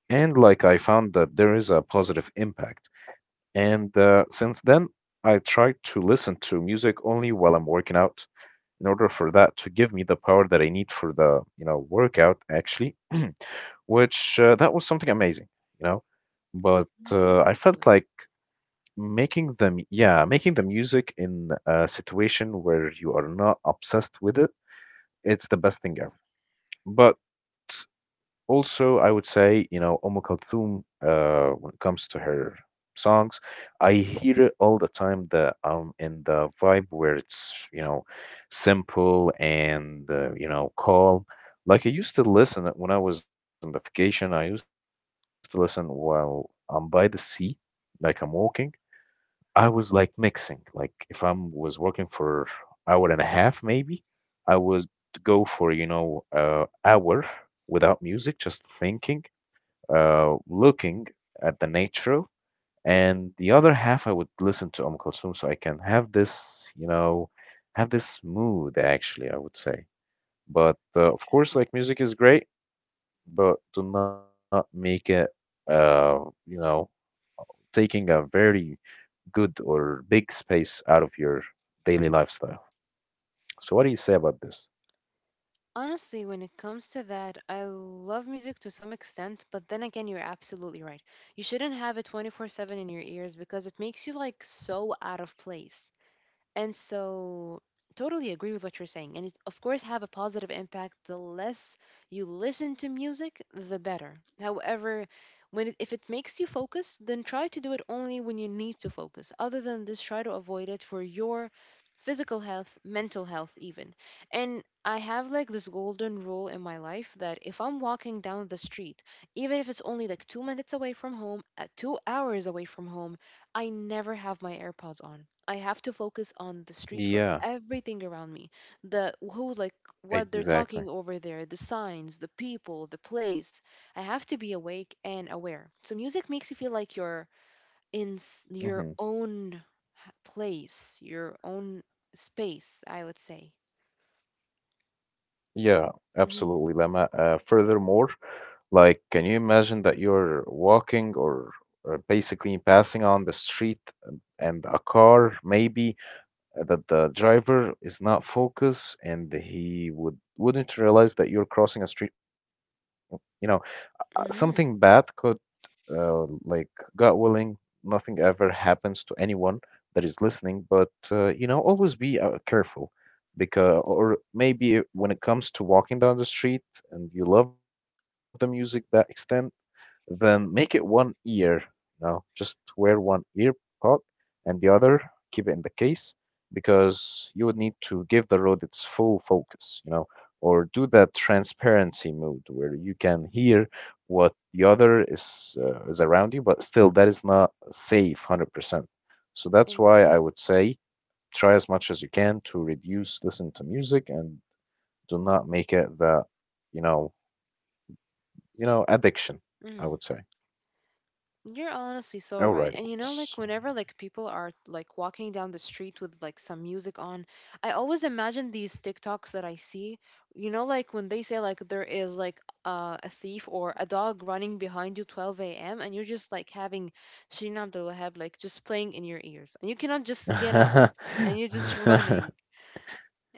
Speaker 1: and like I found that there is a positive impact. And since then, I try to listen to music only while I'm working out in order for that to give me the power that I need for the, you know, workout actually, which, that was something amazing, you know. But
Speaker 2: hmm.
Speaker 1: I felt
Speaker 2: Impressive.
Speaker 1: like making the music in a situation where you are not obsessed with it. It's the best thing ever. But also, I would say, you know, Kulthum, when it comes to her songs, I hear it all the time that I'm in the vibe where it's, you know, simple and, you know, calm. Like I used to listen it when I was on the vacation, I used to listen while I'm by the sea, like I'm walking. I was like mixing. Like if I was working for hour and a half, maybe I would go for, you know, hour without music, just thinking, looking at the nature, and the other half I would listen to Kulthum, so I can have this, you know, have this mood actually. I would say, but of course,
Speaker 2: Interesting.
Speaker 1: like music is great, but do not make it uh, you know taking a very good or big space out of your daily lifestyle. So, what do you say about this?
Speaker 2: Honestly, when it comes to that, I love music to some extent, but then again, you're absolutely right. You shouldn't have it 24/7 in your ears because it makes you like so out of place. And so, totally agree with what you're saying. And it, of course, have a positive impact. The less you listen to music, the better. However, when it, if it makes you focus, then try to do it only when you need to focus. Other than this, try to avoid it for your physical health, mental health, even. And I have like this golden rule in my life that if I'm walking down the street, even if it's only like 2 minutes away from home, 2 hours away from home, I never have my AirPods on. I have to focus on the street for everything around me.
Speaker 1: Yeah,
Speaker 2: The who like what they're talking over there, the
Speaker 1: exactly.
Speaker 2: signs, the people, the place. I have to be awake and aware. So music makes
Speaker 1: Hmm.
Speaker 2: you feel like you're in your own place, your own space, I would say. Mhm.
Speaker 1: Yeah, absolutely, Lama. Furthermore, like, can you imagine that you're walking or basically passing on the street, and a car, maybe, that the driver is not focused and he would wouldn't realize that you're crossing a street? You know,
Speaker 2: Mhm.
Speaker 1: something bad could, like, God willing, nothing ever happens to anyone that is listening. But, you know, always be careful, because or maybe when it comes to walking down the street and you love the music that extent, then make it one ear. You know, just wear one ear pod and the other keep it in the case, because you would need to give the road its full focus. You know, or do that transparency mode where you can hear what the other is around you, but still that is not safe 100%. So that's why I would
Speaker 2: Exactly.
Speaker 1: say try as much as you can to reduce listen to music and do not make it that, you know, you know, addiction, I would say.
Speaker 2: You're honestly so right. And
Speaker 1: Alrighty.
Speaker 2: you know, like whenever like people are like walking down the street with like some music on, I always imagine these TikToks that I see. You know, like when they say like there is like a thief or a dog running behind you 12 a.m. and you're just like having Shirin Abdul Wahab like just playing in your ears and you cannot just get out and you're just running.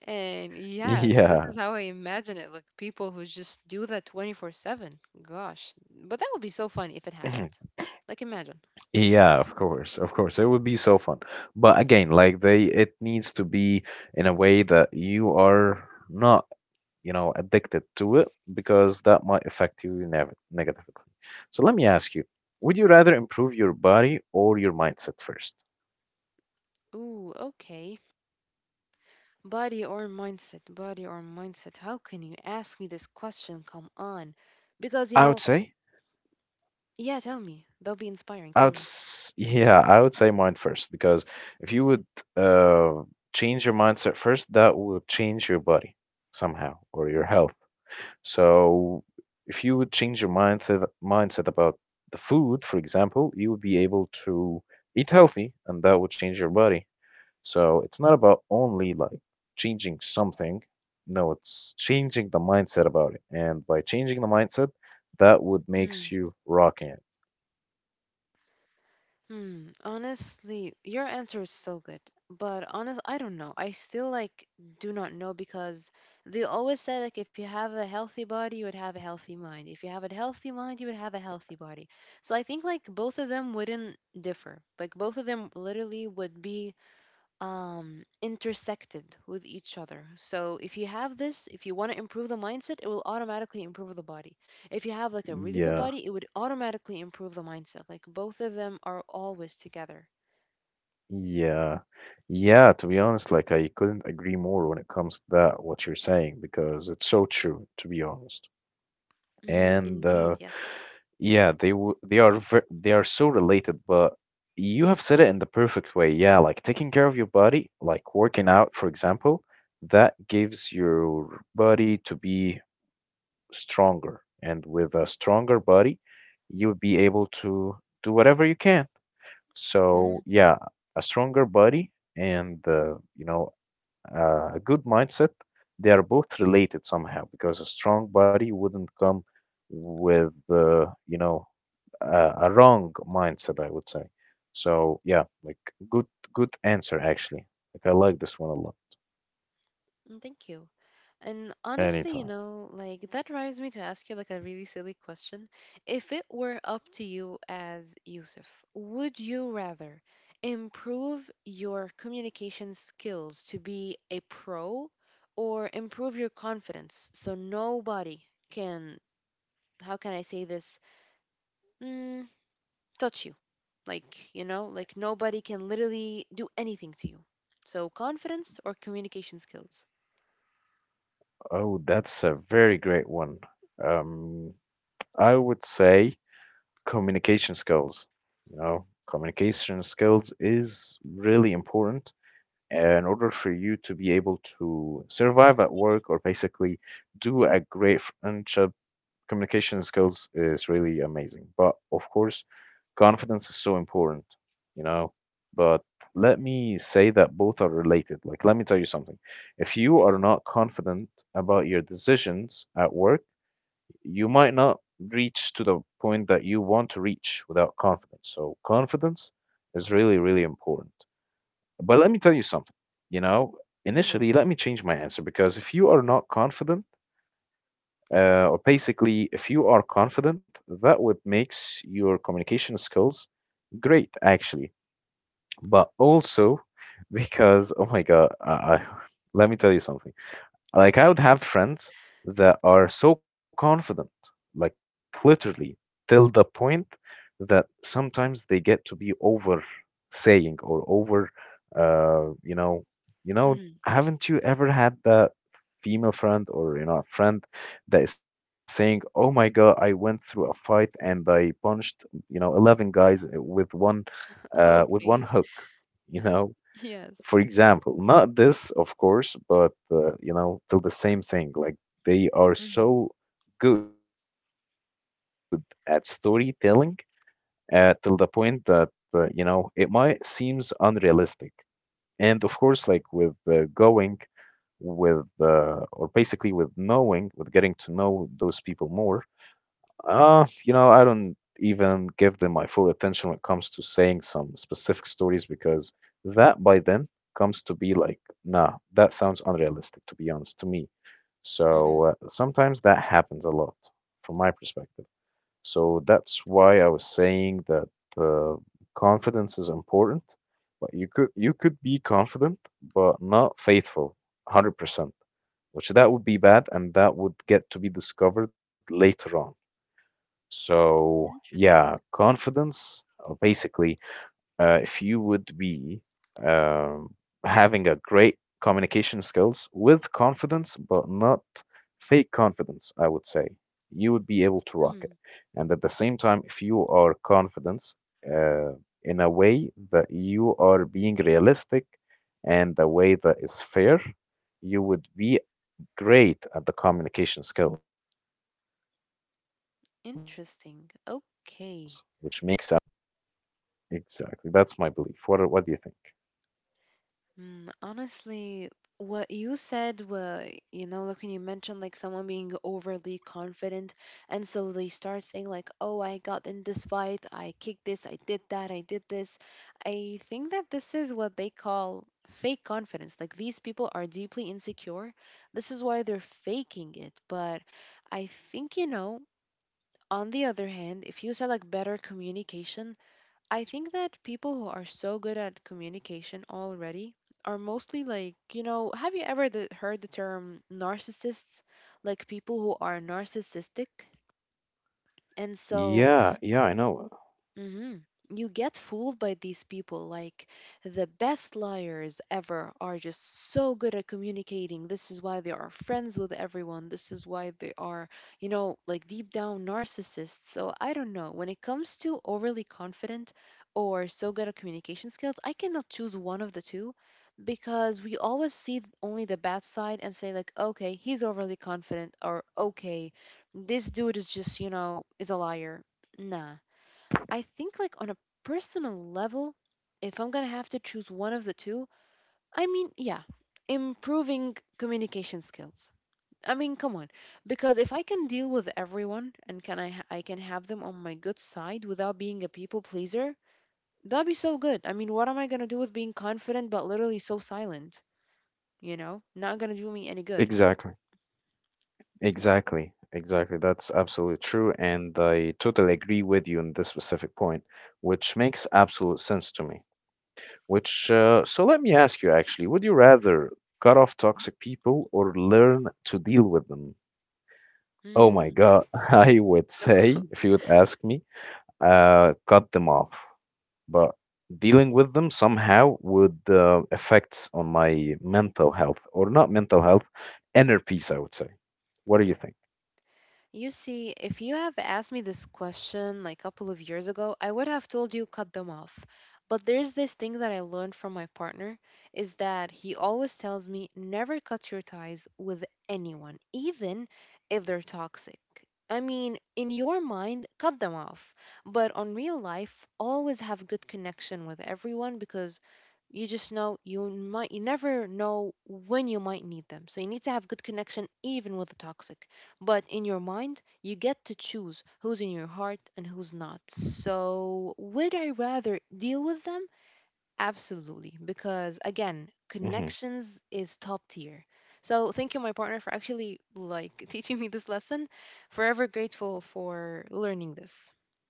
Speaker 2: And yeah, so this
Speaker 1: Yeah.
Speaker 2: is how I imagine it. Like people who just do that 24/7. Gosh, but that would be so funny if it happened. Like imagine.
Speaker 1: Yeah, of course, of course. It would be so fun. But again, like they it needs to be in a way that you are not, you know, addicted to it, because that might affect you negatively. So let me ask you, would you rather improve your body or your mindset first?
Speaker 2: Ooh, okay. Body or mindset, body or mindset. How can you ask me this question? Come on. Because, you
Speaker 1: I
Speaker 2: know,
Speaker 1: would say,
Speaker 2: yeah, tell me. They'll be inspiring.
Speaker 1: I
Speaker 2: Tell
Speaker 1: would,
Speaker 2: me.
Speaker 1: yeah, I would say mind first, because if you would uh, change your mindset first, that will change your body somehow or your health. So if you would change your mindset about the food, for example, you would be able to eat healthy, and that would change your body. So it's not about only like changing something. No, it's changing the mindset about it. And by changing the mindset, that would
Speaker 2: Hmm.
Speaker 1: makes you rocking it.
Speaker 2: Hmm. Honestly, your answer is so good. But honest, I don't know. I still like do not know because they always say like if you have a healthy body, you would have a healthy mind. If you have a healthy mind, you would have a healthy body. So I think like both of them wouldn't differ. Like both of them literally would be intersected with each other. So if you have this, if you want to improve the mindset, it will automatically improve the body. If you have like a really good
Speaker 1: Yeah,
Speaker 2: body, it would automatically improve the mindset. Like both of them are always together.
Speaker 1: yeah, yeah. To be honest, like I couldn't agree more when it comes to that what you're saying, because it's so true. To be honest,
Speaker 2: Mm,
Speaker 1: and
Speaker 2: indeed, yes.
Speaker 1: yeah, they w they are they are so related, but you have said it in the perfect way. Yeah, like taking care of your body, like working out, for example, that gives your body to be stronger. And with a stronger body, you'll be able to do whatever you can.
Speaker 2: Mhm.
Speaker 1: So, yeah, a stronger body and, you know, a good mindset, they are both related somehow, because a strong body wouldn't come with, you know, a wrong mindset, I would say. So yeah, like good, good answer actually. Like I like this one a lot.
Speaker 2: Mm, thank you. And honestly, you
Speaker 1: Anytime.
Speaker 2: know, like that drives me to ask you like a really silly question. If it were up to you as Yusuf, would you rather improve your communication skills to be a pro or improve your confidence so nobody can, how can I say this, mm, touch you? Like, you know, like nobody can literally do anything to you. So confidence or communication skills?
Speaker 1: Oh, that's a very great one. Um, I would say communication skills. You know, communication skills is really important in order for you to be able to survive at work or basically do a great friendship. Communication skills is really amazing. But of course, confidence is so important, you know. But let me say that both are related. Like, let me tell you something. If you
Speaker 2: Hmm.
Speaker 1: are not confident about your decisions at work, you might not reach to the point that you want to reach without confidence. So, confidence is really, really important. But let me tell you something, you know,
Speaker 2: Hmm.
Speaker 1: initially, let me change my answer because if you are not confident, or basically, if you are confident, that what makes your communication skills great, actually. But also because, oh my God, let me tell you something.
Speaker 2: Okay.
Speaker 1: Like I would have friends that are so confident, like literally till the point that sometimes they get to be over saying or over, uh, you know, you know,
Speaker 2: Mhm.
Speaker 1: haven't you ever had that female friend or you know a friend that is saying, "Oh my God, I went through a fight and I punched you know 11 guys with one
Speaker 2: Okay.
Speaker 1: hook," you know,
Speaker 2: Yes.
Speaker 1: for example, not this of course, but you know, still the same thing, like they are
Speaker 2: Mm.
Speaker 1: so good at storytelling till the point that you know, it might seems unrealistic. And of course, like with going with or basically with knowing with getting to know those people more, you know, I don't even give them my full attention when it comes to saying some specific stories because that by then comes to be like, nah, that sounds unrealistic, to be honest, to me. So
Speaker 2: Mm.
Speaker 1: sometimes that happens a lot from my perspective. So that's why I was saying that uh, confidence is important, but you could be confident but not faithful, 100%, which that would be bad and that would get to be discovered later on. So yeah,
Speaker 2: Interesting.
Speaker 1: confidence basically, if you would be um, having a great communication skills with confidence, but not fake confidence, I would say you would be able to rock
Speaker 2: Mm,
Speaker 1: it. And at the same time, if you are confident uh, in a way that you are being realistic and a way that is fair, you would be great at the communication skills, which makes absolute sense. So
Speaker 2: interesting.
Speaker 1: both are,
Speaker 2: Okay.
Speaker 1: yeah, exactly. That's my belief. What are, what do you think?
Speaker 2: Mm, honestly, what you said, well, you know, like when you mentioned like someone being overly confident, and so they start saying like, "Oh, I got in this fight. I kicked this. I did that. I did this." I think that this is what they call fake confidence. Like these people are deeply insecure. This is why they're faking it. But I think, you know, on the other hand, if you select better communication, I think that people who are so good at communication already are mostly like, you know, have you ever heard the term narcissists? Like people who are narcissistic. And so
Speaker 1: Yeah, yeah, I know.
Speaker 2: hmm, you get fooled by these people. Like the best liars ever are just so good at communicating. This is why they are friends with everyone. This is why they are, you know, like deep down narcissists. So I don't know. When it comes to overly confident or so good at communication skills, I cannot choose one of the two because we always see only the bad side and say, like, okay, he's overly confident, or okay, this dude is just, you know, is a liar. Nah. I think like on a personal level, if I'm gonna have to choose one of the two, I mean, yeah, improving communication skills. I mean, come on, because if I can deal with everyone and I can have them on my good side without being a people pleaser, that'd be so good. I mean, what am I gonna do with being confident but literally so silent? You know, not gonna do me any good.
Speaker 1: Exactly. Exactly. Exactly. That's absolutely true. And I totally agree with you on this specific point, which makes absolute sense to me. Which, so let me ask you actually, would you rather cut off toxic people or learn to deal with them? Oh my
Speaker 2: Mm.
Speaker 1: God. I would say, if you would ask me, cut them off. But dealing with them somehow would affects on my mental health or not mental health, inner peace, I would say. What do you think?
Speaker 2: You see, if you have asked me this question like a couple of years ago, I would have told you cut them off. But there's this thing that I learned from my partner is that he always tells me never cut your ties with anyone, even if they're toxic. I mean, in your mind, cut them off. But on real life, always have good connection with everyone because you never know when you might need them. So you need to have good connection even with the toxic. But in your mind, you get to choose who's in your heart and who's not. So, would I rather deal with them? Absolutely. Because again,
Speaker 1: Hmm.
Speaker 2: connections is top tier. So, thank you, my partner, for actually like teaching me this lesson. Forever grateful for learning this.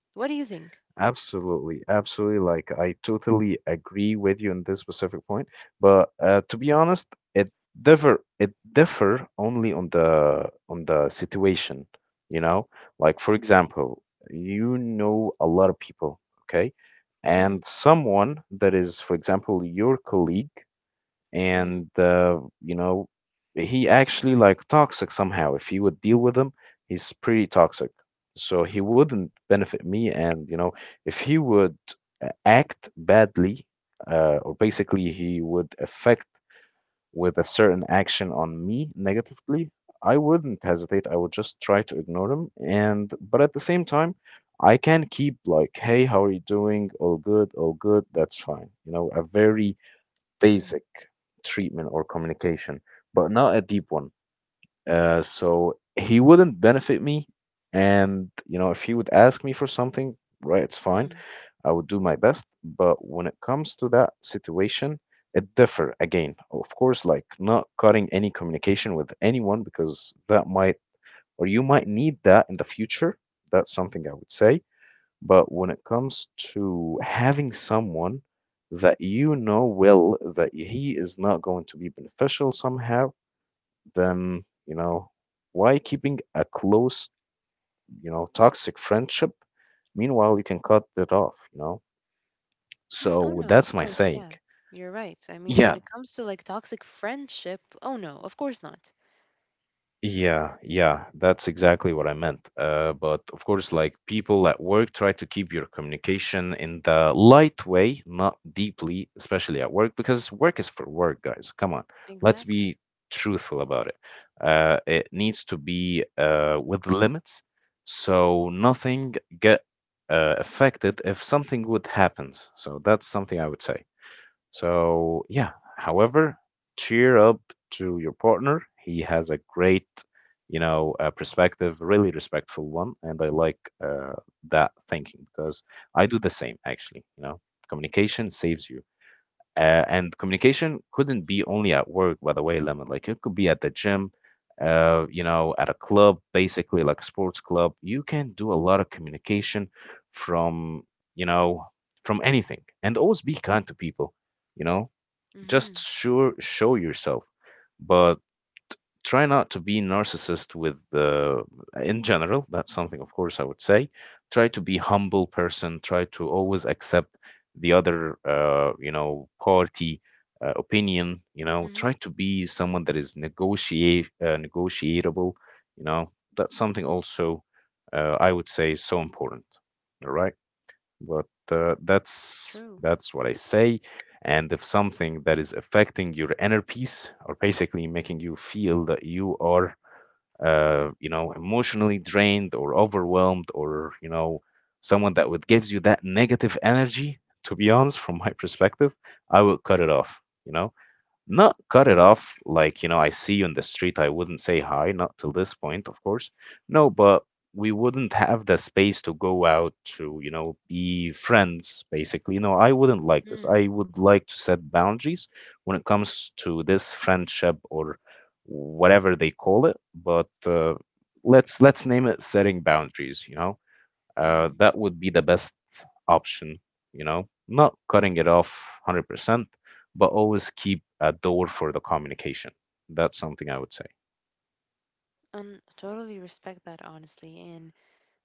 Speaker 2: What do you think?
Speaker 1: Absolutely, absolutely. Like I totally agree with you in this specific point, but to be honest, it differ only on the situation, you know? Like for example, you know, a lot of people, okay?
Speaker 2: Mm.
Speaker 1: And someone that is for example your colleague
Speaker 2: Mm.
Speaker 1: and you know, he actually like toxic somehow. If you would deal with him, he's pretty toxic, so he wouldn't benefit me. And you know, if he would act badly, or basically he would affect with a certain action on me negatively, I wouldn't hesitate. I would just try to ignore him. And but at the same time, I can keep like, "Hey, how are you doing? All good, all good. That's fine." You know, a very
Speaker 2: Mm.
Speaker 1: basic treatment or communication, but not a deep one. So he wouldn't benefit me. And you know, if he would ask me for something, right, it's fine.
Speaker 2: Mm.
Speaker 1: I would do my best, but when it comes to that situation, it differ again. Of course, like not cutting any communication with anyone, because that might or you might need that in the future. That's something I would say. But when it comes to having someone that you know well that he is not going to be beneficial somehow, then you know, why keeping a close, you know, toxic friendship? Meanwhile, you can cut that off, you know.
Speaker 2: Mm. Oh
Speaker 1: So
Speaker 2: no, of
Speaker 1: that's my
Speaker 2: course,
Speaker 1: saying.
Speaker 2: yeah. You're right. I mean, when
Speaker 1: Yeah,
Speaker 2: it comes to like toxic friendship, oh no, of course not.
Speaker 1: yeah, yeah. That's exactly what I meant. But of course, like people at work, try to keep your communication in the light way, not deeply, especially at work, because work is for work, guys. Come on, let's
Speaker 2: Exactly.
Speaker 1: be truthful about it. It needs to be with limits, so nothing get affected if something would happens. So that's something I would say. So, yeah, however, cheer up to your partner. He has a great, you know, perspective, really respectful one. And I like uh, that thinking because I do the same, actually. You know, communication saves you. And communication couldn't be only at work, by the way, Lemon. Like it could be at the gym, you know, at a club, basically like a sports club. You can do a lot of communication from, you know, from anything. And always be kind to people, you know, just
Speaker 2: Mm-hmm.
Speaker 1: sure show yourself. But try not to be narcissist with in general. That's something, of course, I would say. Try to be humble person, try to always accept the other you know, party opinion. You know,
Speaker 2: Mm-hmm.
Speaker 1: try to be someone that is negotiate negotiable, you know. That's something also I would say is so important. All right, but that's
Speaker 2: True.
Speaker 1: that's what I say. And if something that is affecting your inner peace or basically making you feel that you are, you know, emotionally drained or overwhelmed or, you know, someone that would gives you that negative energy, to be honest, from my perspective, I would cut it off, you know? Not cut it off like, you know, I see you in the street, I wouldn't say hi, not till this point, of course. No, but we wouldn't have the space to go out to, you know, be friends, basically. No, I wouldn't like this.
Speaker 2: Mm.
Speaker 1: I would like to set boundaries when it comes to this friendship or whatever they call it, but let's name it setting boundaries, you know?
Speaker 2: Mm.
Speaker 1: That would be the best option, you know, not cutting it off 100%, but always keep a door for the communication. That's something I would say.
Speaker 2: And totally respect that, honestly. And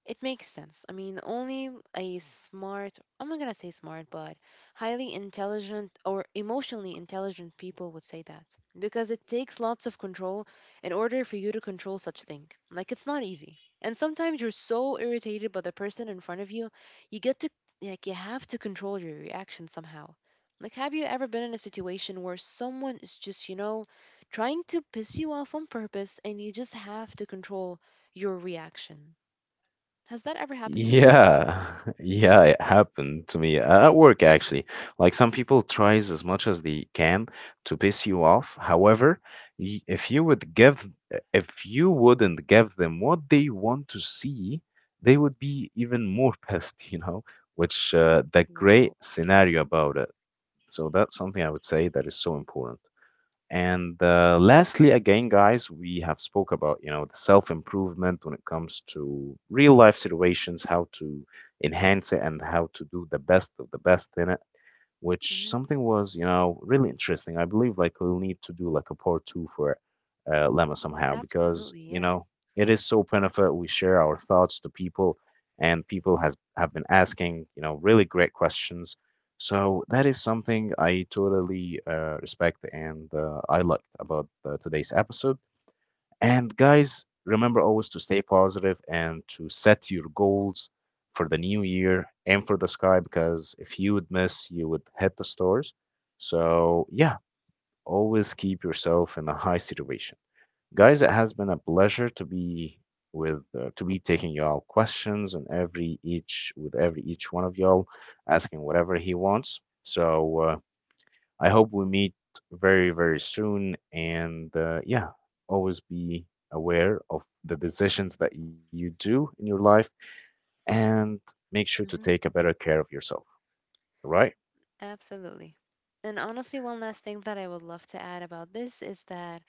Speaker 2: it makes sense. I mean, only a smart, I'm not going to say smart, but highly intelligent or emotionally intelligent people would say that because it takes lots of control in order for you to control such thing. Like it's not easy. And sometimes you're so irritated by the person in front of you, you get to like you have to control your reaction somehow. Like have you ever been in a situation where someone is just, you know, trying to piss you off on purpose and you just have to control your reaction? Has that ever happened to you?
Speaker 1: Yeah, yeah, it happened to me at work actually. Like some people tries as much as they can to piss you off. However, if you would give, if you wouldn't give them what they want to see, they would be even more pissed, you know, which the great
Speaker 2: Whoa. Okay.
Speaker 1: scenario about it. So that's something I would say that is so important. And lastly, again, guys, we have spoke about you know the self improvement when it comes to real life situations, how to enhance it, and how to do the best of the best in it. Which
Speaker 2: Hmm.
Speaker 1: something was you know really interesting. I believe like we'll need to do like a part two for Lemma somehow, because
Speaker 2: Absolutely,
Speaker 1: you
Speaker 2: yeah.
Speaker 1: know it is so benefit. We share our thoughts to people, and people has have been asking you know really great questions. So that is something I totally respect and I liked about today's episode. And guys, remember always to stay positive and to set your goals for the new year and for the sky, because if you would miss, you would hit the stars. So yeah, always keep yourself in a high situation. Guys, it has been a pleasure to be with to be taking y'all questions and every each with every each one of y'all asking whatever he wants. So I hope we meet very very soon and yeah, always be aware of the decisions that you do in your life and make sure to take a
Speaker 2: Hmm.
Speaker 1: better care of yourself, all right?
Speaker 2: Absolutely. And honestly, one last thing that I would love to add about this is that,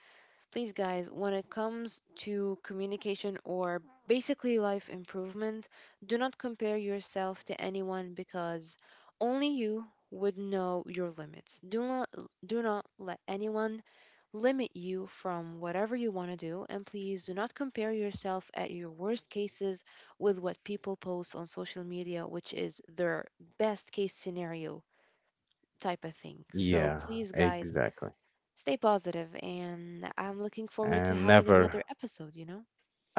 Speaker 2: please, guys, when it comes to communication or basically life improvement, do not compare yourself to anyone because only you would know your limits. Do not, do not let anyone limit you from whatever you want to do, and please do not compare yourself at your worst cases with what people post on social media, which is their best case scenario type of thing. So
Speaker 1: Yeah,
Speaker 2: please, guys,
Speaker 1: exactly.
Speaker 2: stay positive, and I'm looking forward to
Speaker 1: And
Speaker 2: having another
Speaker 1: never.
Speaker 2: episode, you know?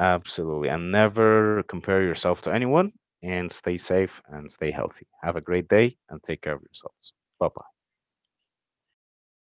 Speaker 1: Absolutely. And never compare yourself to anyone and stay safe and stay healthy. Have a great day and take care of yourselves. Bye bye.